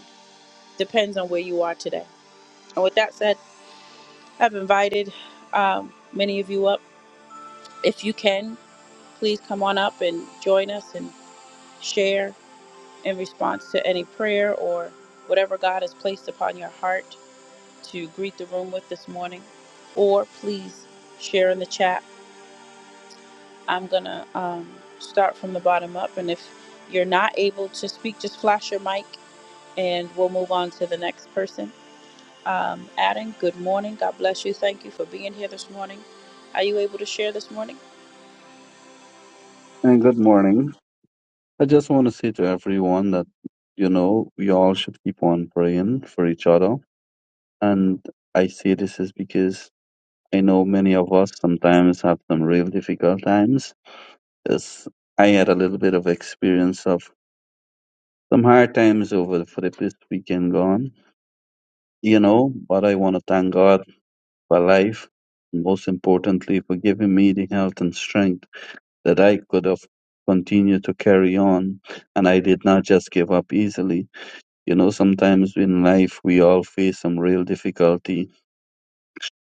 depends on where you are today. And with that said, I've invited um, many of you up. If you can, please come on up and join us and share. in response to any prayer or whatever God has placed upon your heart to greet the room with this morning. Or please share in the chat. I'm going to um, start from the bottom up. And if you're not able to speak, just flash your mic and we'll move on to the next person. Um, Adam, good morning. God bless you. Thank you for being here this morning. Are you able to share this morning?
And good morning. I just want to say to everyone that, you know, we all should keep on praying for each other. And I say this is because I know many of us sometimes have some real difficult times. As I had a little bit of experience of some hard times over for the this weekend gone you know, but I want to thank God for life, and most importantly, for giving me the health and strength that I could have continued to carry on. And I did not just give up easily. You know, sometimes in life, we all face some real difficulty.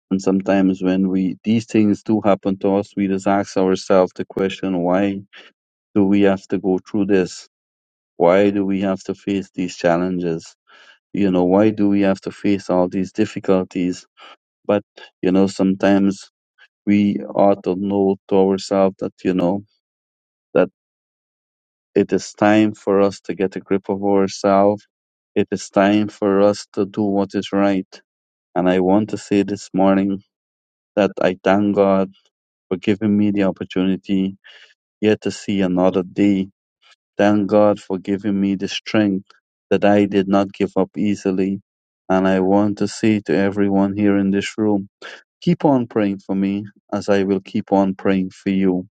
And sometimes when we, these things do happen to us, we just ask ourselves the question, why do we have to go through this? Why do we have to face these challenges? You know, why do we have to face all these difficulties? but you know sometimes we ought to know to ourselves that you know that it is time for us to get a grip of ourselves it is time for us to do what is right and i want to say this morning that i thank god for giving me the opportunity yet to see another day thank god for giving me the strength that i did not give up easily and i want to say to everyone here in this room Keep on praying for me as I will keep on praying for you.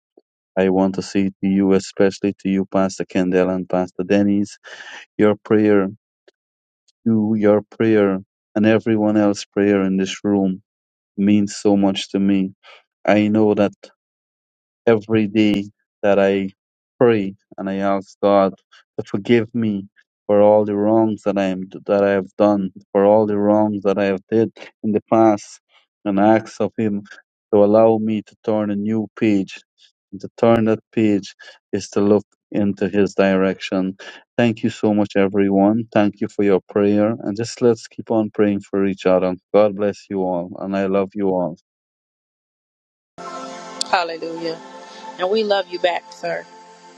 I want to say to you, especially to you, Pastor Kendall and Pastor Dennis, your prayer, you, your prayer, and everyone else's prayer in this room means so much to me. I know that every day that I pray and I ask God to forgive me for all the wrongs that I am that I have done, for all the wrongs that I have did in the past, and ask of Him to allow me to turn a new page. And to turn that page is to look into His direction. Thank you so much, everyone. Thank you for your prayer, and just let's keep on praying for each other. God bless you all, and I love you all.
Hallelujah. And we love you back, sir.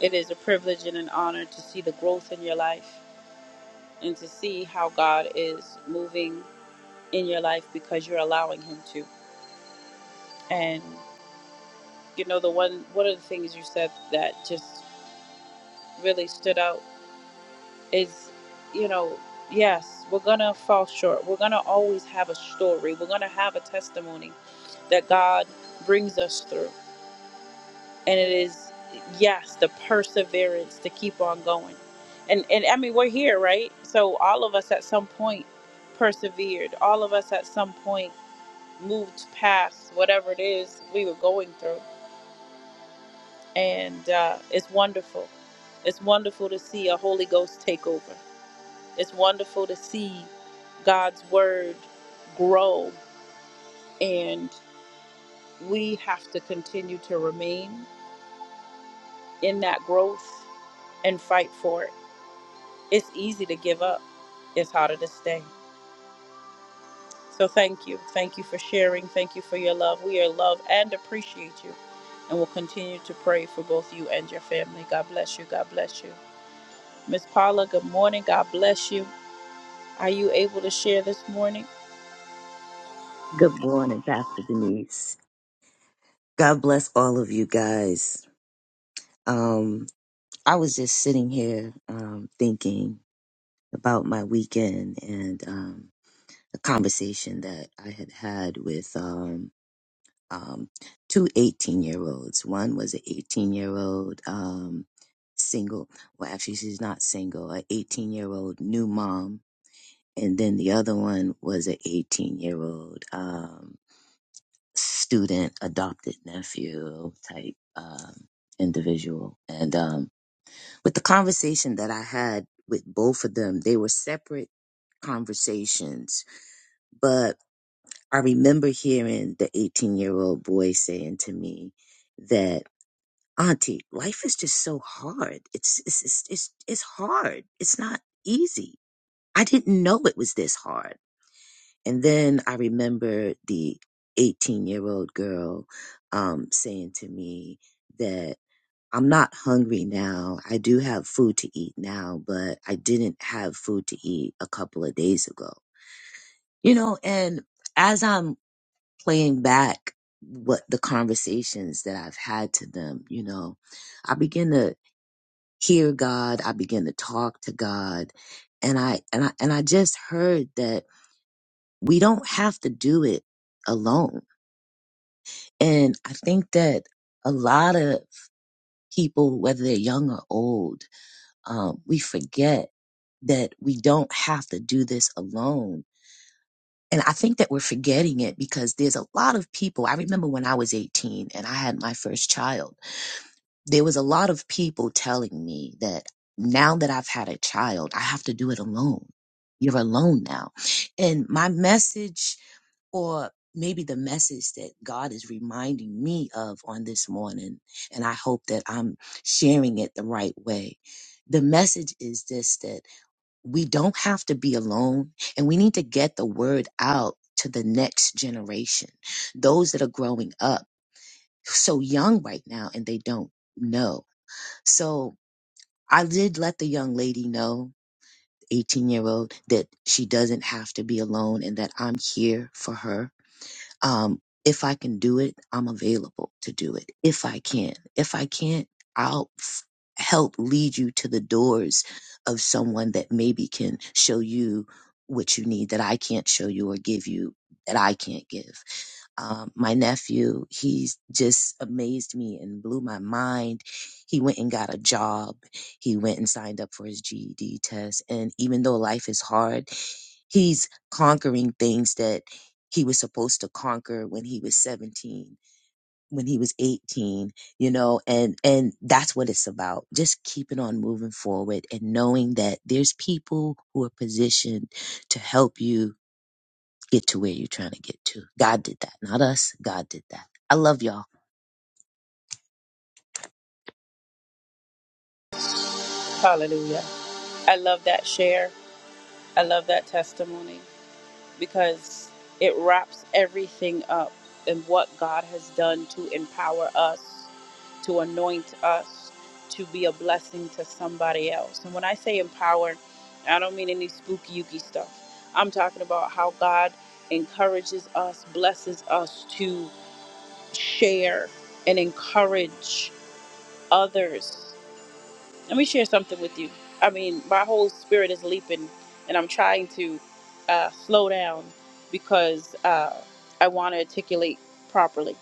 It is a privilege and an honor to see the growth in your life. and to see how God is moving in your life because you're allowing Him to. And you know, the one one of the things you said that just really stood out is, you know, yes, we're gonna fall short. We're gonna always have a story. We're gonna have a testimony that God brings us through, and it is yes, the perseverance to keep on going. And and I mean, we're here, right? So all of us at some point persevered. All of us at some point moved past whatever it is we were going through. And uh, it's wonderful. It's wonderful to see a Holy Ghost take over. It's wonderful to see God's word grow. And we have to continue to remain in that growth and fight for it. It's easy to give up, it's harder to stay. So thank you. Thank you for sharing. Thank you for your love. We are love and appreciate you. And we'll continue to pray for both you and your family. God bless you. God bless you. Miss Paula, good morning. God bless you. Are you able to share this morning?
Good morning, Pastor Denise. God bless all of you guys. Um. I was just sitting here um, thinking about my weekend and um, a conversation that I had had with um, um, two year olds. One was an 18 year old um, single, well, actually, she's not single, an 18 year old new mom. And then the other one was an 18 year old um, student, adopted nephew type um, individual. And um, with the conversation that I had with both of them, they were separate conversations, but I remember hearing the 18 year old boy saying to me that, Auntie, life is just so hard. It's, it's, it's, it's, it's hard. It's not easy. I didn't know it was this hard. And then I remember the 18 year old girl, um, saying to me I'm not hungry now. I do have food to eat now, but I didn't have food to eat a couple of days ago. You know, and as I'm playing back what the conversations that I've had to them, you know, I begin to hear God, I begin to talk to God, and I and I and I just heard that we don't have to do it alone. And I think that a lot of people, whether they're young or old, um, we forget that we don't have to do this alone. And I think that we're forgetting it because there's a lot of people. I remember when I was 18 and I had my first child, there was a lot of people telling me that now that I've had a child, I have to do it alone. You're alone now. And my message, or maybe the message that God is reminding me of on this morning, and I hope that I'm sharing it the right way. The message is this that we don't have to be alone and we need to get the word out to the next generation, those that are growing up so young right now and they don't know. So I did let the young lady know, 18 year old, that she doesn't have to be alone and that I'm here for her um, if I can do it, I'm available to do it. If I can, if I can't, I'll f- help lead you to the doors of someone that maybe can show you what you need that I can't show you or give you that I can't give um, my nephew, he's just amazed me and blew my mind. He went and got a job. He went and signed up for his GED test. And even though life is hard, he's conquering things that he was supposed to conquer when he was 17 when he was 18 you know and and that's what it's about just keeping on moving forward and knowing that there's people who are positioned to help you get to where you're trying to get to. God did that, not us. God did that. I love y'all.
Hallelujah. I love that share. I love that testimony. because it wraps everything up and what God has done to empower us, to anoint us, to be a blessing to somebody else. And when I say empower, I don't mean any spooky yuki stuff. I'm talking about how God encourages us, blesses us to share and encourage others let me share something with you. I mean, my whole spirit is leaping, and I'm trying to uh, slow down because uh, I want to articulate properly.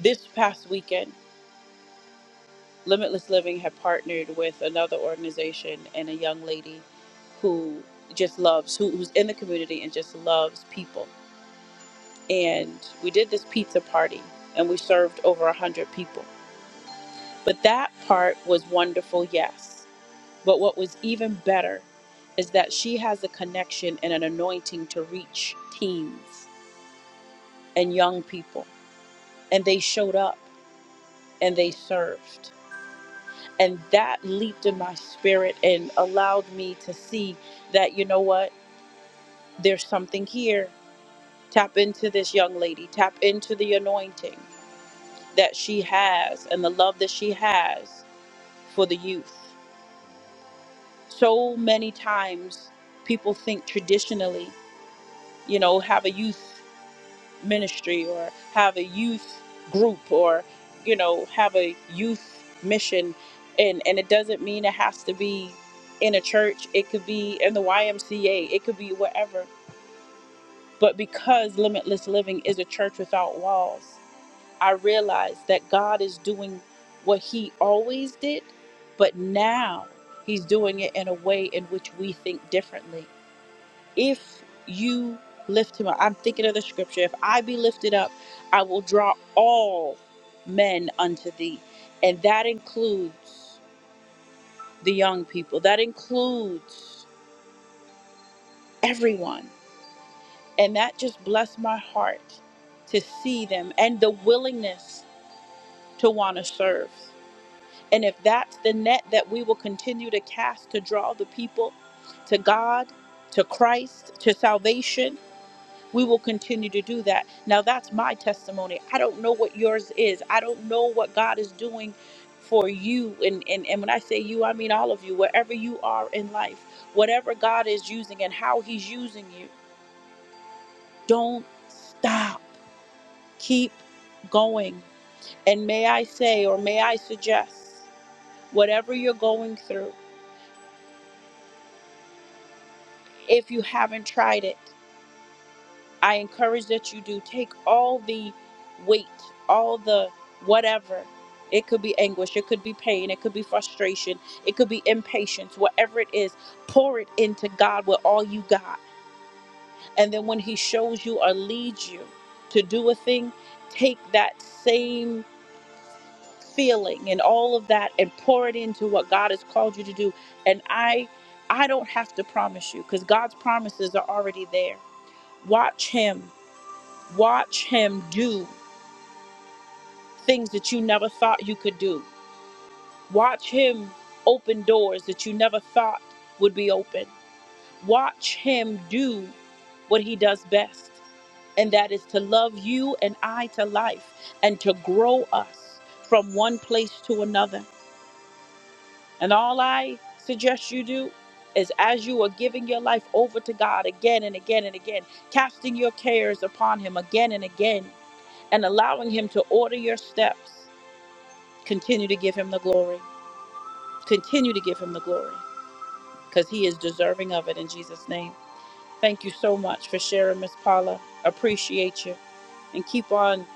This past weekend, Limitless Living had partnered with another organization and a young lady who just loves, who, who's in the community and just loves people. And we did this pizza party, and we served over 100 people. But that part was wonderful, yes. But what was even better is that she has a connection and an anointing to reach teens and young people. And they showed up and they served. And that leaped in my spirit and allowed me to see that, you know what, there's something here. Tap into this young lady, tap into the anointing that she has and the love that she has for the youth. So many times people think traditionally, you know, have a youth ministry or have a youth group or you know have a youth mission and and it doesn't mean it has to be in a church it could be in the YMCA it could be wherever but because limitless living is a church without walls i realize that god is doing what he always did but now he's doing it in a way in which we think differently if you lift him up. I'm thinking of the scripture. If I be lifted up, I will draw all men unto thee. And that includes the young people, that includes everyone. And that just blessed my heart to see them and the willingness to want to serve. And if that's the net that we will continue to cast to draw the people to God, to Christ, to salvation, we will continue to do that. Now, that's my testimony. I don't know what yours is. I don't know what God is doing for you. And, and, and when I say you, I mean all of you, wherever you are in life, whatever God is using and how He's using you, don't stop. Keep going. And may I say, or may I suggest, whatever you're going through, if you haven't tried it. I encourage that you do take all the weight, all the whatever. It could be anguish, it could be pain, it could be frustration, it could be impatience, whatever it is, pour it into God with all you got. And then when He shows you or leads you to do a thing, take that same feeling and all of that and pour it into what God has called you to do. And I I don't have to promise you because God's promises are already there. Watch Him Watch him do things that you never thought you could do. Watch him open doors that you never thought would be open. Watch him do what he does best, and that is to love you and I to life and to grow us from one place to another. And all I suggest you do is as you are giving your life over to God again and again and again, casting your cares upon him again and again, and allowing him to order your steps. Continue to give him the glory. Continue to give him the glory because he is deserving of it in Jesus' name. Thank you so much for sharing, Miss Paula. Appreciate you. And keep on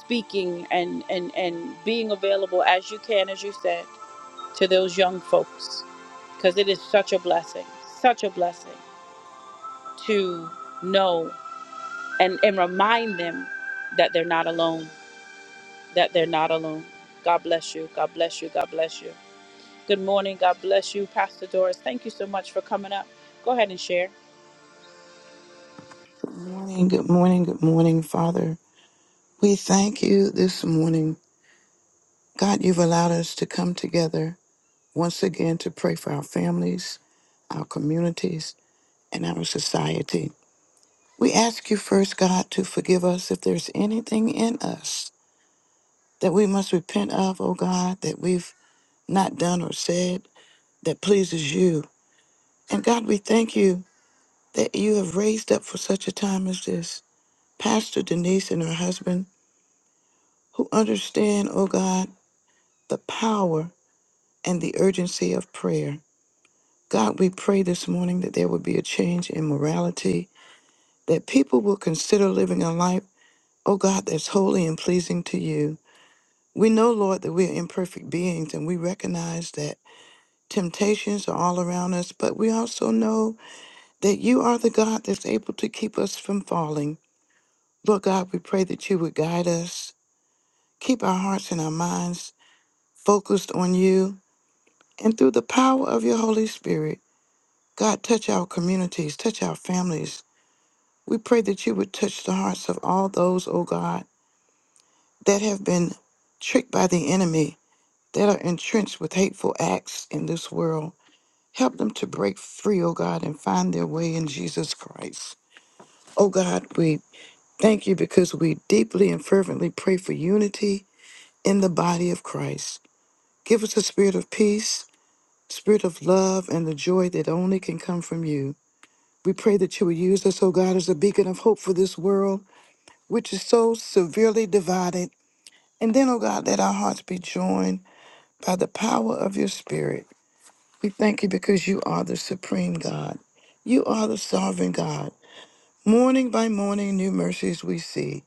speaking and, and, and being available as you can, as you said, to those young folks because it is such a blessing, such a blessing to know and, and remind them that they're not alone, that they're not alone. God bless you. God bless you. God bless you. Good morning. God bless you, Pastor Doris. Thank you so much for coming up. Go ahead and share.
morning, good morning, good morning, Father. We thank you this morning. God, you've allowed us to come together once again to pray for our families, our communities, and our society. We ask you first, God, to forgive us if there's anything in us that we must repent of, oh God, that we've not done or said that pleases you. And God, we thank you that you have raised up for such a time as this Pastor Denise and her husband who understand, oh God, the power and the urgency of prayer. God, we pray this morning that there would be a change in morality, that people will consider living a life, oh God, that's holy and pleasing to you. We know, Lord, that we're imperfect beings and we recognize that temptations are all around us, but we also know that you are the God that's able to keep us from falling. Lord God, we pray that you would guide us, keep our hearts and our minds focused on you, and through the power of your Holy Spirit. God, touch our communities, touch our families. We pray that you would touch the hearts of all those, oh God, that have been tricked by the enemy, that are entrenched with hateful acts in this world. Help them to break free, oh God, and find their way in Jesus Christ. Oh God, we thank you because we deeply and fervently pray for unity in the body of Christ. Give us a spirit of peace, spirit of love, and the joy that only can come from you. We pray that you will use us, oh God, as a beacon of hope for this world, which is so severely divided. And then, oh God, let our hearts be joined by the power of your Spirit. We thank you because you are the supreme God. You are the sovereign God. Morning by morning, new mercies we see.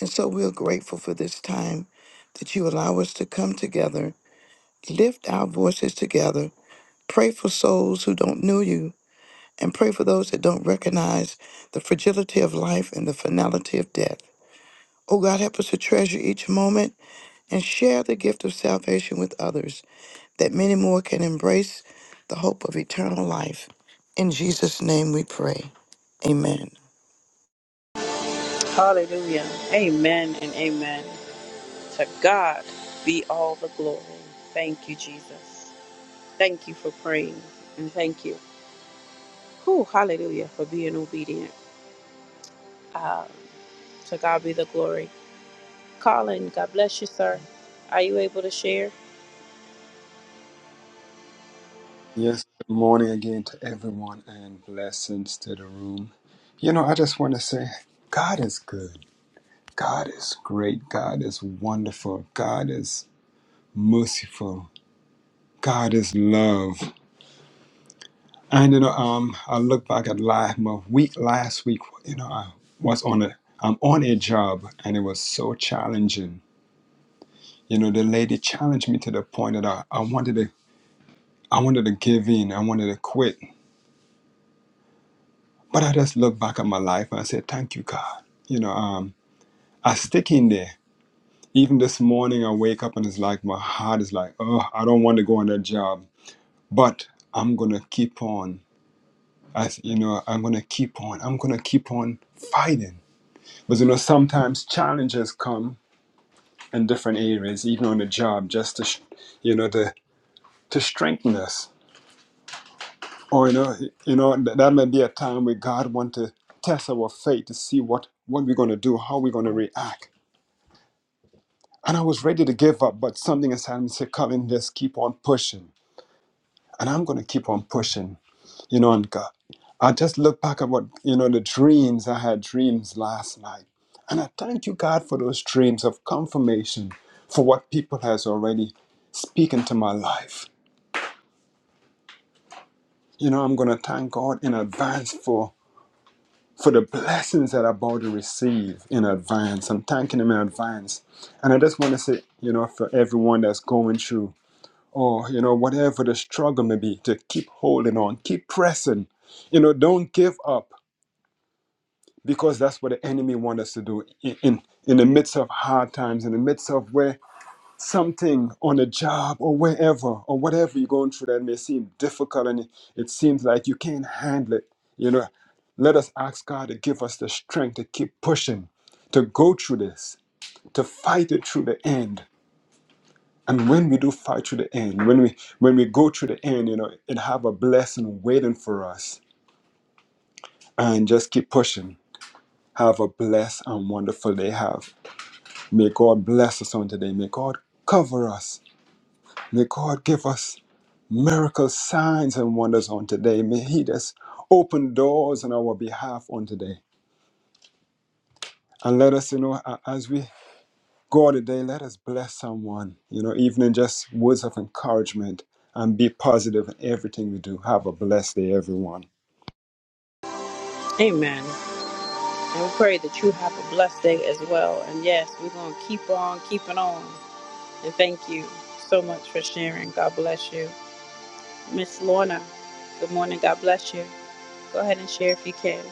And so we're grateful for this time that you allow us to come together, lift our voices together, pray for souls who don't know you, and pray for those that don't recognize the fragility of life and the finality of death. Oh God, help us to treasure each moment and share the gift of salvation with others, that many more can embrace the hope of eternal life. In Jesus' name we pray. Amen.
Hallelujah. Amen and amen. To God be all the glory. Thank you, Jesus. Thank you for praying and thank you. Whew, hallelujah for being obedient. Um, to God be the glory. Colin, God bless you, sir. Are you able to share?
Yes, good morning again to everyone and blessings to the room. You know, I just want to say God is good. God is great. God is wonderful. God is merciful. God is love. And, you know, um, I look back at life, my week last week, you know, I was on a, I'm on a job and it was so challenging You know, the lady challenged me to the point that I, I wanted to I wanted to give in. I wanted to quit. But I just looked back at my life and I said, Thank you, God. You know, um, I stick in there. Even this morning I wake up and it's like my heart is like, oh, I don't want to go on that job. But I'm gonna keep on. I s- you know, I'm gonna keep on. I'm gonna keep on fighting. But you know, sometimes challenges come in different areas, even on the job, just to sh- you know, to to strengthen us Or you know, you know that, that may be a time where God wants to test our faith to see what what we're going to do, how we're going to react. And I was ready to give up, but something inside me said, "Colin, just keep on pushing." And I'm going to keep on pushing, you know. And God, I just look back at what you know the dreams I had dreams last night, and I thank you, God, for those dreams of confirmation for what people has already speaking to my life. You know, I'm going to thank God in advance for. for the blessings that I'm about to receive in advance. I'm thanking Him in advance. And I just want to say, you know, for everyone that's going through, or, you know, whatever the struggle may be, to keep holding on, keep pressing. You know, don't give up because that's what the enemy wants us to do in, in, in the midst of hard times, in the midst of where something on a job or wherever or whatever you're going through that may seem difficult and it seems like you can't handle it, you know, let us ask God to give us the strength to keep pushing, to go through this, to fight it through the end. And when we do fight through the end, when we when we go through the end, you know, it have a blessing waiting for us. And just keep pushing. Have a blessed and wonderful day. Have may God bless us on today. May God cover us. May God give us miracles, signs, and wonders on today. May He just open doors on our behalf on today. And let us, you know, a- as we go today, let us bless someone, you know, even in just words of encouragement and be positive in everything we do. Have a blessed day, everyone.
Amen. And we pray that you have a blessed day as well. And yes, we're going to keep on keeping on. And thank you so much for sharing. God bless you. Miss Lorna, good morning. God bless you. Go ahead and share if you can.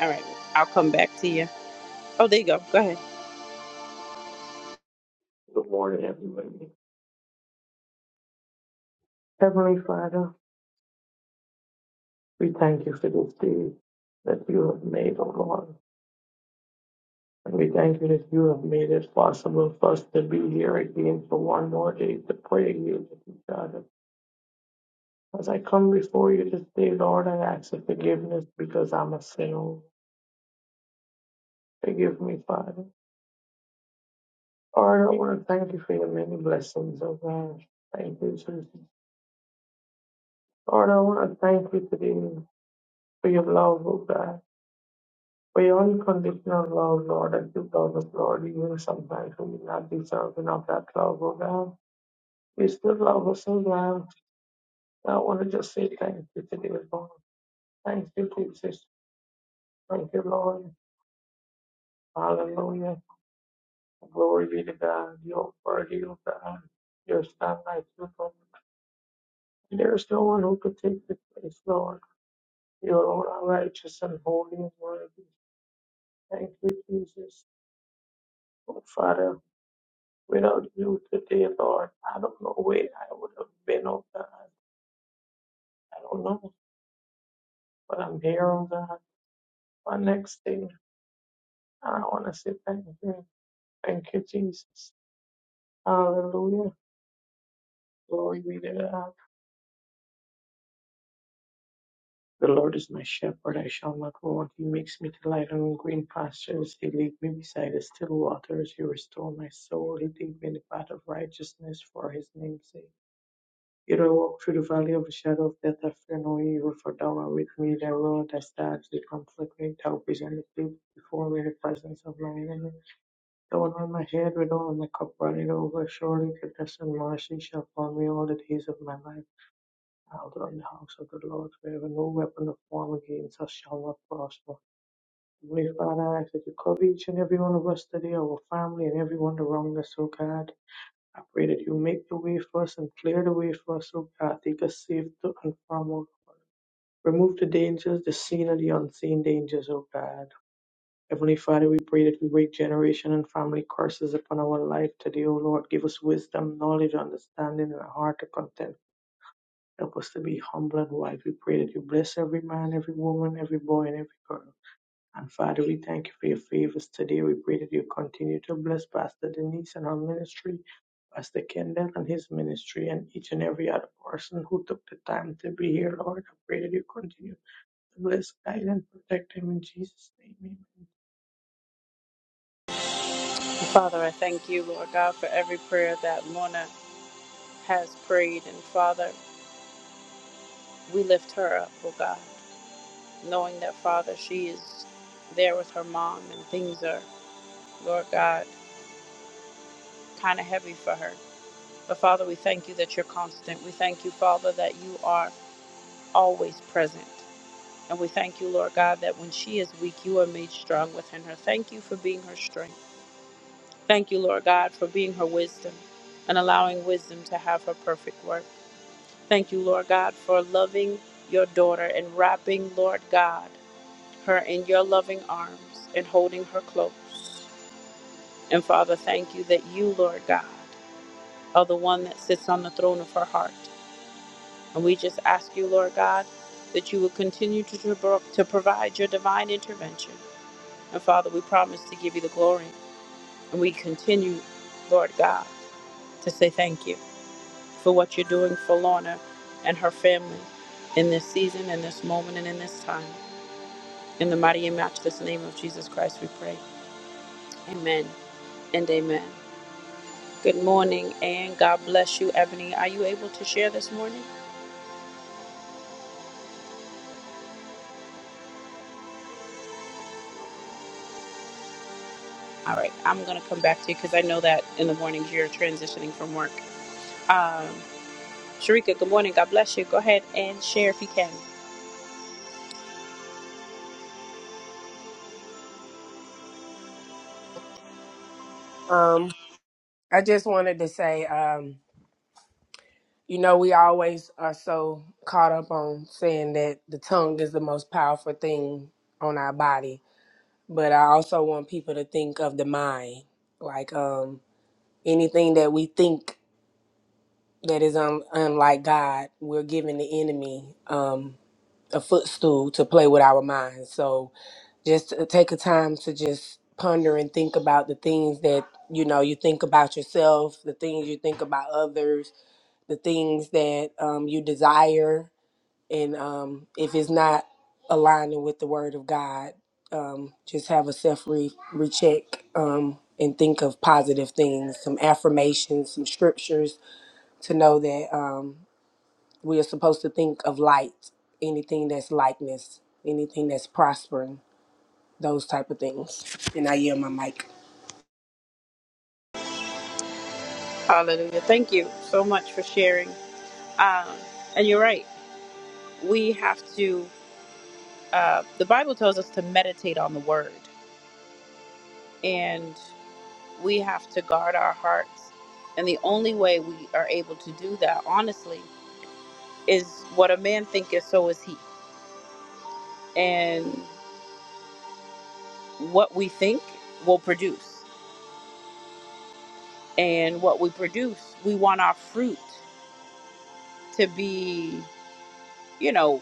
All right, I'll come back to you. Oh, there you go. Go ahead.
Good morning, everybody. Heavenly Father, we thank you for this day that you have made, O Lord. And we thank you that you have made it possible for us to be here again for one more day to pray again with each other. As I come before you this day, Lord, I ask for forgiveness because I'm a sinner. Forgive me, Father. Lord, I want to thank you for your many blessings, O God. Thank you, Jesus. Lord, I want to thank you today for your love, O God. For your unconditional love, Lord, active love us, Lord, even sometimes when we're not deserving of that love, oh God. You still love us, oh God. I want to just say thank you today, Lord. Thank you, Jesus. Thank you, Lord. Hallelujah. Glory be to God. You're worthy, oh God. There's none like you, Lord. There's no one who could take your place, Lord. You alone are righteous and holy and worthy. Thank you, Jesus. Oh, Father, Without you today, Lord, I don't know where I would have been, oh God. I don't know, but I'm here, oh God. My next thing, I want to say thank you. Thank you, Jesus. Hallelujah. Glory be to God. The Lord is my shepherd, I shall not want. He makes me to lie down in green pastures. He leads me beside the still waters. He restores my soul. He leads me in the path of righteousness for his name's sake. Yet I walk through the valley of the shadow of death, I fear no evil, for thou art with me, thy rod, thy staff, they comfort me, thou presentest before me in the presence of my enemy. Thou anoint my head with oil, and my cup running over, surely goodness and mercy shall follow me all the days of my life. I'll dwell in the house of the Lord forever, no weapon of form against us shall not prosper. Heavenly Father, I ask that you cover each and every one of us today, our family and everyone around us, oh God. I pray that you make the way for us and clear the way for us, O God. Take us safe to and from, oh God. Remove the dangers, the seen and the unseen dangers, O God. Heavenly Father, we pray that we break generation and family curses upon our life today, O Lord. Give us wisdom, knowledge, understanding, and a heart to content. Help us to be humble and wise. We pray that you bless every man, every woman, every boy, and every girl. And Father, we thank you for your favors today. We pray that you continue to bless Pastor Denise and her ministry, Pastor Kendall and his ministry, and each and every other person who took the time to be here, Lord. I pray that you continue to bless, guide, and protect them in Jesus' name. Amen.
Father, I thank you, Lord God, for every prayer that Lorna has prayed. And Father, we lift her up, oh God, knowing that, Father, she is there with her mom and things are, Lord God, kind of heavy for her. But Father, we thank you that you're constant. We thank you, Father, that you are always present. And we thank you, Lord God, that when she is weak, you are made strong within her. Thank you for being her strength. Thank you, Lord God, for being her wisdom and allowing wisdom to have her perfect work. Thank you, Lord God, for loving your daughter and wrapping, Lord God, her in your loving arms and holding her close. And Father, thank you that you, Lord God, are the one that sits on the throne of her heart. And we just ask you, Lord God, that you would continue to, to provide your divine intervention And Father, we promise to give you the glory. And we continue, Lord God, to say thank you for what you're doing for Lorna and her family in this season, in this moment, and in this time. In the mighty and matchless name of Jesus Christ, we pray. Amen and amen. Good morning, and God bless you, Ebony. Are you able to share this morning? All right, I'm going to come back to you because I know that in the mornings you're transitioning from work. Um, Sharika, good morning. God bless you. Go ahead and share if you can.
Um, I just wanted to say, um. You know, we always are so caught up on saying that the tongue is the most powerful thing on our body, but I also want people to think of the mind. Like um anything that we think that is un- unlike God, we're giving the enemy um a footstool to play with our minds. So just to take a time to just ponder and think about the things that you know you think about yourself, the things you think about others, the things that um, you desire and um, if it's not aligning with the word of God, um, just have a self re- recheck um, and think of positive things, some affirmations, some scriptures to know that um, we are supposed to think of light, anything that's likeness, anything that's prospering, those type of things. And I yield my mic.
Hallelujah. Thank you so much for sharing. Um, and you're right. We have to, uh, the Bible tells us to meditate on the word, and we have to guard our hearts. And the only way we are able to do that, honestly, is what a man thinketh, so is he. And what we think will produce. And what we produce, we want our fruit to be, you know,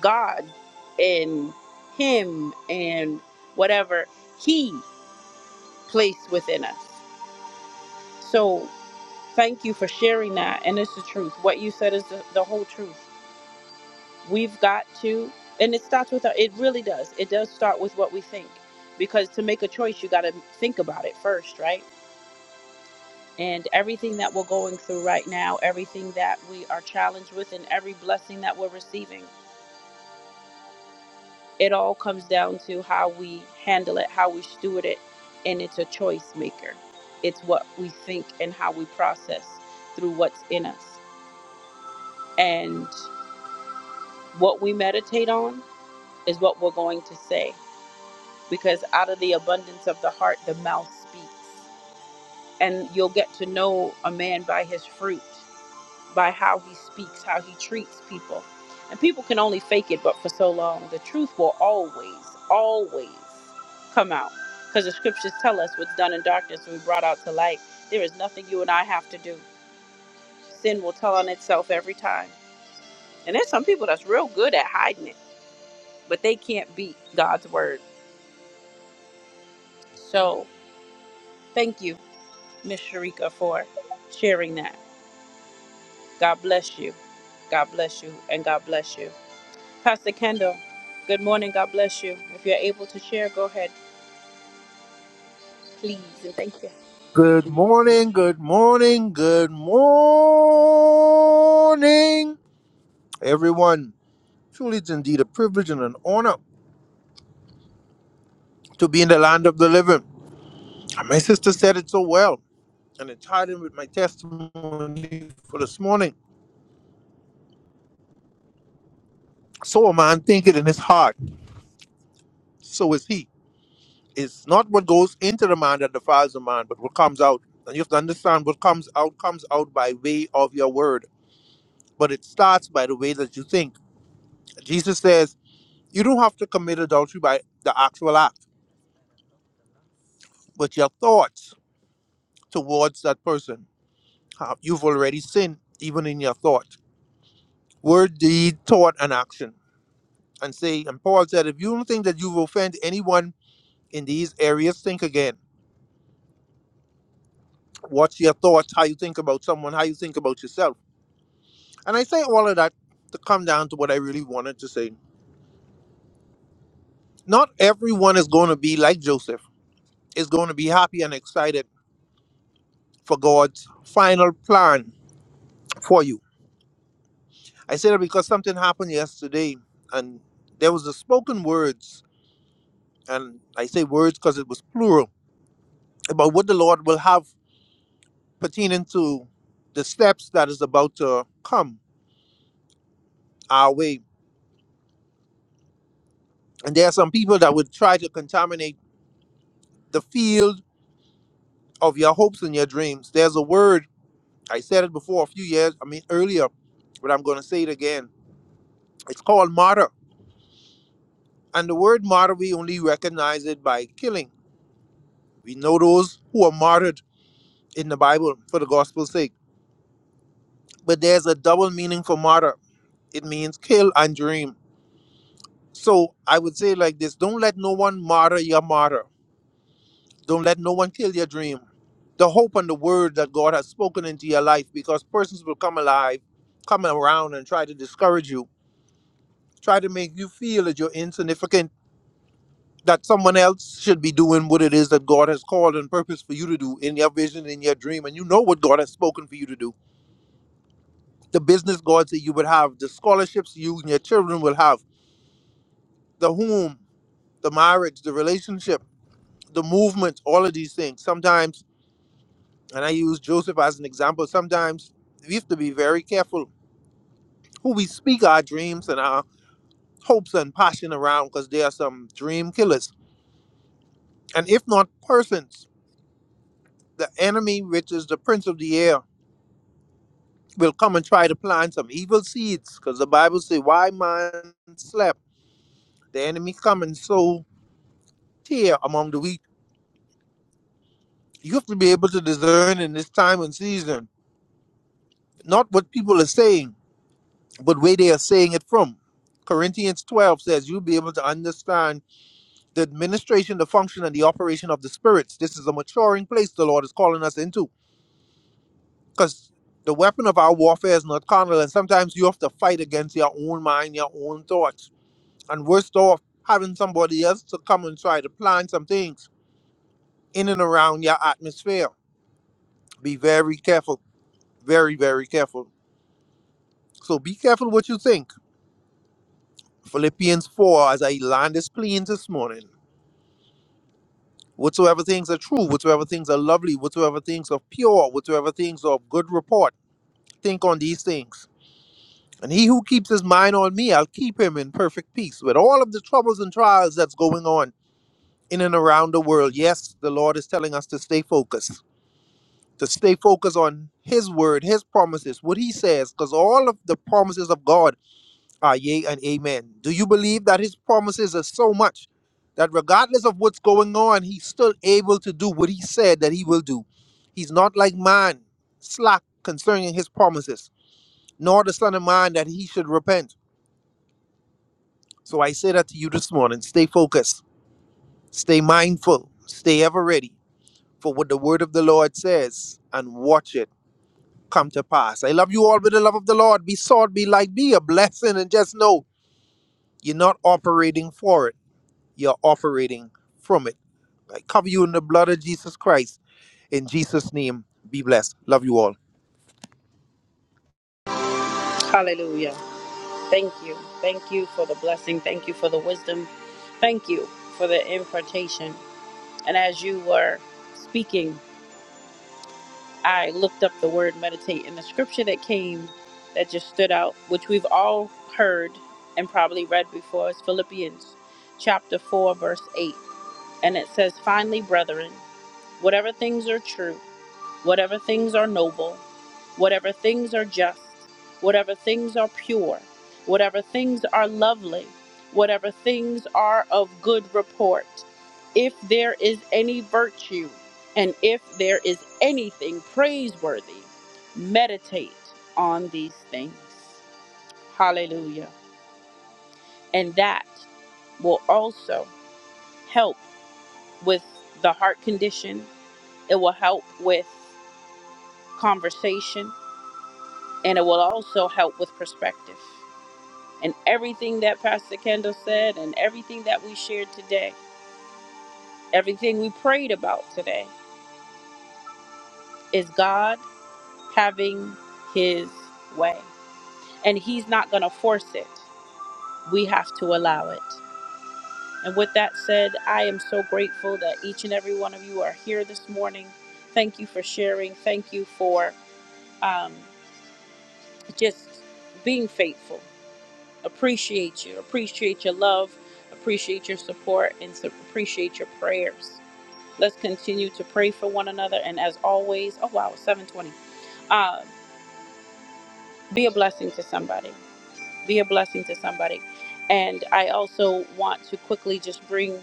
God and Him and whatever He placed within us. So thank you for sharing that. And it's the truth. What you said is the, the whole truth. We've got to, and it starts with, our, it really does. It does start with what we think. Because to make a choice, you got to think about it first, right? And everything that we're going through right now, everything that we are challenged with, and every blessing that we're receiving It all comes down to how we handle it, how we steward it, and it's a choice maker. It's what we think and how we process through what's in us. And what we meditate on is what we're going to say because out of the abundance of the heart, the mouth speaks. And you'll get to know a man by his fruit. by how he speaks, how he treats people. And people can only fake it, but for so long, the truth will always, always come out. Because the scriptures tell us what's done in darkness will be brought out to light. There is nothing you and I have to do. Sin will tell on itself every time. And there's some people that's real good at hiding it, but they can't beat God's word. So thank you, Miss Sharika, for sharing that. God bless you. God bless you and God bless you. Pastor Kendall, good morning. God bless you. If you're able to share, go ahead, please. And thank you.
Good morning, good morning, good morning, everyone. Truly, it's indeed a privilege and an honor to be in the land of the living. And my sister said it so well, and it tied in with my testimony for this morning. So a man thinketh in his heart, so is he. It's not what goes into the man that defiles the man, but what comes out. And you have to understand what comes out comes out by way of your word, but it starts by the way that you think. Jesus says you don't have to commit adultery by the actual act, but your thoughts towards that person. How- You've already sinned, even in your thoughts. word, deed, thought, and action. And say, and Paul said, if you don't think that you've offended anyone in these areas, think again. What's your thoughts? How you think about someone? How you think about yourself? And I say all of that to come down to what I really wanted to say. Not everyone is going to be like Joseph. Is going to be happy and excited for God's final plan for you. I say that because something happened yesterday, and there was the spoken words, and I say words because it was plural about what the Lord will have pertaining to the steps that is about to come our way. And there are some people that would try to contaminate the field of your hopes and your dreams. There's a word, I said it before a few years, I mean earlier, but I'm going to say it again. It's called martyr. And the word martyr, we only recognize it by killing. We know those who are martyred in the Bible for the gospel's sake. But there's a double meaning for martyr it means kill and dream. So I would say like this don't let no one martyr your martyr Don't let no one kill your dream. The hope and the word that God has spoken into your life because persons will come alive, come around and try to discourage you, try to make you feel that you're insignificant, that someone else should be doing what it is that God has called and purposed for you to do in your vision, in your dream. And you know what God has spoken for you to do. The business God that you would have, the scholarships you and your children will have, the home, the marriage, the relationship, the movement, all of these things. Sometimes And I use Joseph as an example. Sometimes we have to be very careful who we speak our dreams and our hopes and passion around because there are some dream killers. And if not persons, the enemy, which is the prince of the air, will come and try to plant some evil seeds because the Bible says, Why man slept? The enemy come and sow tear among the wheat. You have to be able to discern in this time and season, not what people are saying, but where they are saying it from. Corinthians 12 says, You'll be able to understand the administration, the function, and the operation of the spirits. This is a maturing place the Lord is calling us into because the weapon of our warfare is not carnal, and sometimes you have to fight against your own mind, your own thoughts. And worst off, having somebody else to come and try to plan some things in and around your atmosphere. Be very careful, very, very careful. So be careful what you think. Philippians 4, as I land this plane this morning whatsoever things are true, whatsoever things are lovely, whatsoever things are pure, whatsoever things are of good report think on these things. And he who keeps his mind on me, I'll keep him in perfect peace with all of the troubles and trials that's going on in and around the world. Yes, the Lord is telling us to stay focused, to stay focused on his word, his promises, what he says, because all of the promises of God are yea and amen. Do you believe that his promises are so much that regardless of what's going on, he's still able to do what he said that he will do? He's not like man, slack concerning his promises nor the Son of Man that he should repent. So I say that to you this morning stay focused, stay mindful, stay ever ready for what the word of the Lord says and watch it come to pass. I love you all with the love of the Lord. Be salt, be light, be a blessing, and just know you're not operating for it, you're operating from it. I cover you in the blood of Jesus Christ. In Jesus' name, be blessed. Love you all.
Hallelujah. Thank you. Thank you for the blessing. Thank you for the wisdom. Thank you for the impartation. And as you were speaking, I looked up the word meditate, and the scripture that came that just stood out, which we've all heard and probably read before, is Philippians chapter 4, verse 8. And it says, Finally, brethren, whatever things are true, whatever things are noble, whatever things are just, whatever things are pure, whatever things are lovely, whatever things are of good report, if there is any virtue, and if there is anything praiseworthy, meditate on these things. Hallelujah. And that will also help with the heart condition, it will help with conversation and it will also help with perspective. And everything that Pastor Kendall said and everything that we shared today, everything we prayed about today, is God having His way. And He's not going to force it, we have to allow it. And with that said, I am so grateful that each and every one of you are here this morning. Thank you for sharing. Thank you for um, just being faithful. appreciate you, appreciate your love, appreciate your support, and so appreciate your prayers. Let's continue to pray for one another. And as always, oh wow, it's 720. Uh, be a blessing to somebody be a blessing to somebody. And I also want to quickly just bring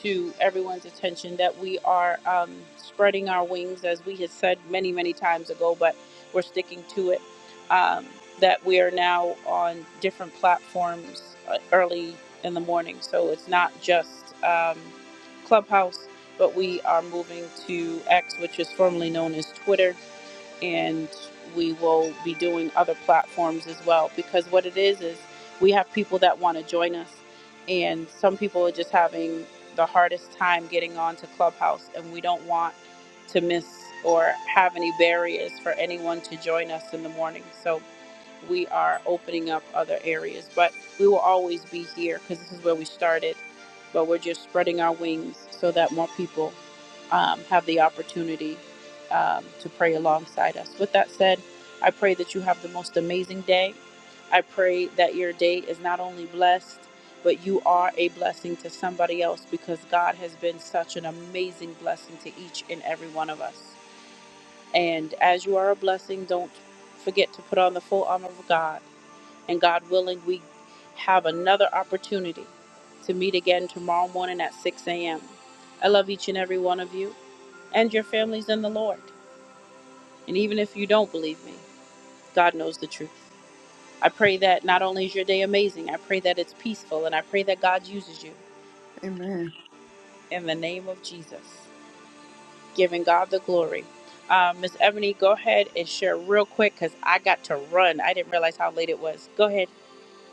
to everyone's attention that we are um, spreading our wings, as we had said many, many times ago, but we're sticking to it. Um, that we are now on different platforms uh, early in the morning. So it's not just um, Clubhouse, but we are moving to X, which is formerly known as Twitter and we will be doing other platforms as well because what it is is we have people that want to join us and some people are just having the hardest time getting onto clubhouse and we don't want to miss or have any barriers for anyone to join us in the morning so we are opening up other areas. But we will always be here because this is where we started. But we're just spreading our wings so that more people um, have the opportunity um, to pray alongside us. With that said, I pray that you have the most amazing day. I pray that your day is not only blessed, but you are a blessing to somebody else because God has been such an amazing blessing to each and every one of us. And as you are a blessing, don't forget to put on the full armor of God and God willing, we have another opportunity to meet again tomorrow morning at 6 a.m. I love each and every one of you and your families in the Lord. And even if you don't believe me, God knows the truth. I pray that not only is your day amazing, I pray that it's peaceful, and I pray that God uses you
Amen.
in the name of Jesus, giving God the glory. Uh, Miss Ebony, go ahead and share real quick because I got to run. I didn't realize how late it was. Go ahead.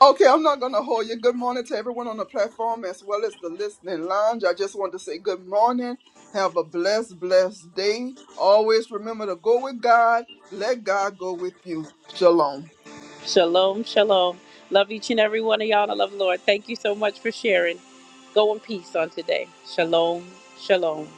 Okay, I'm not going to hold you. Good morning to everyone on the platform as well as the listening lounge. I just want to say good morning. Have a blessed, blessed day. Always remember to go with God. Let God go with you. Shalom.
Shalom, shalom. Love each and every one of y'all. and I love the Lord. Thank you so much for sharing. Go in peace on today. Shalom, shalom.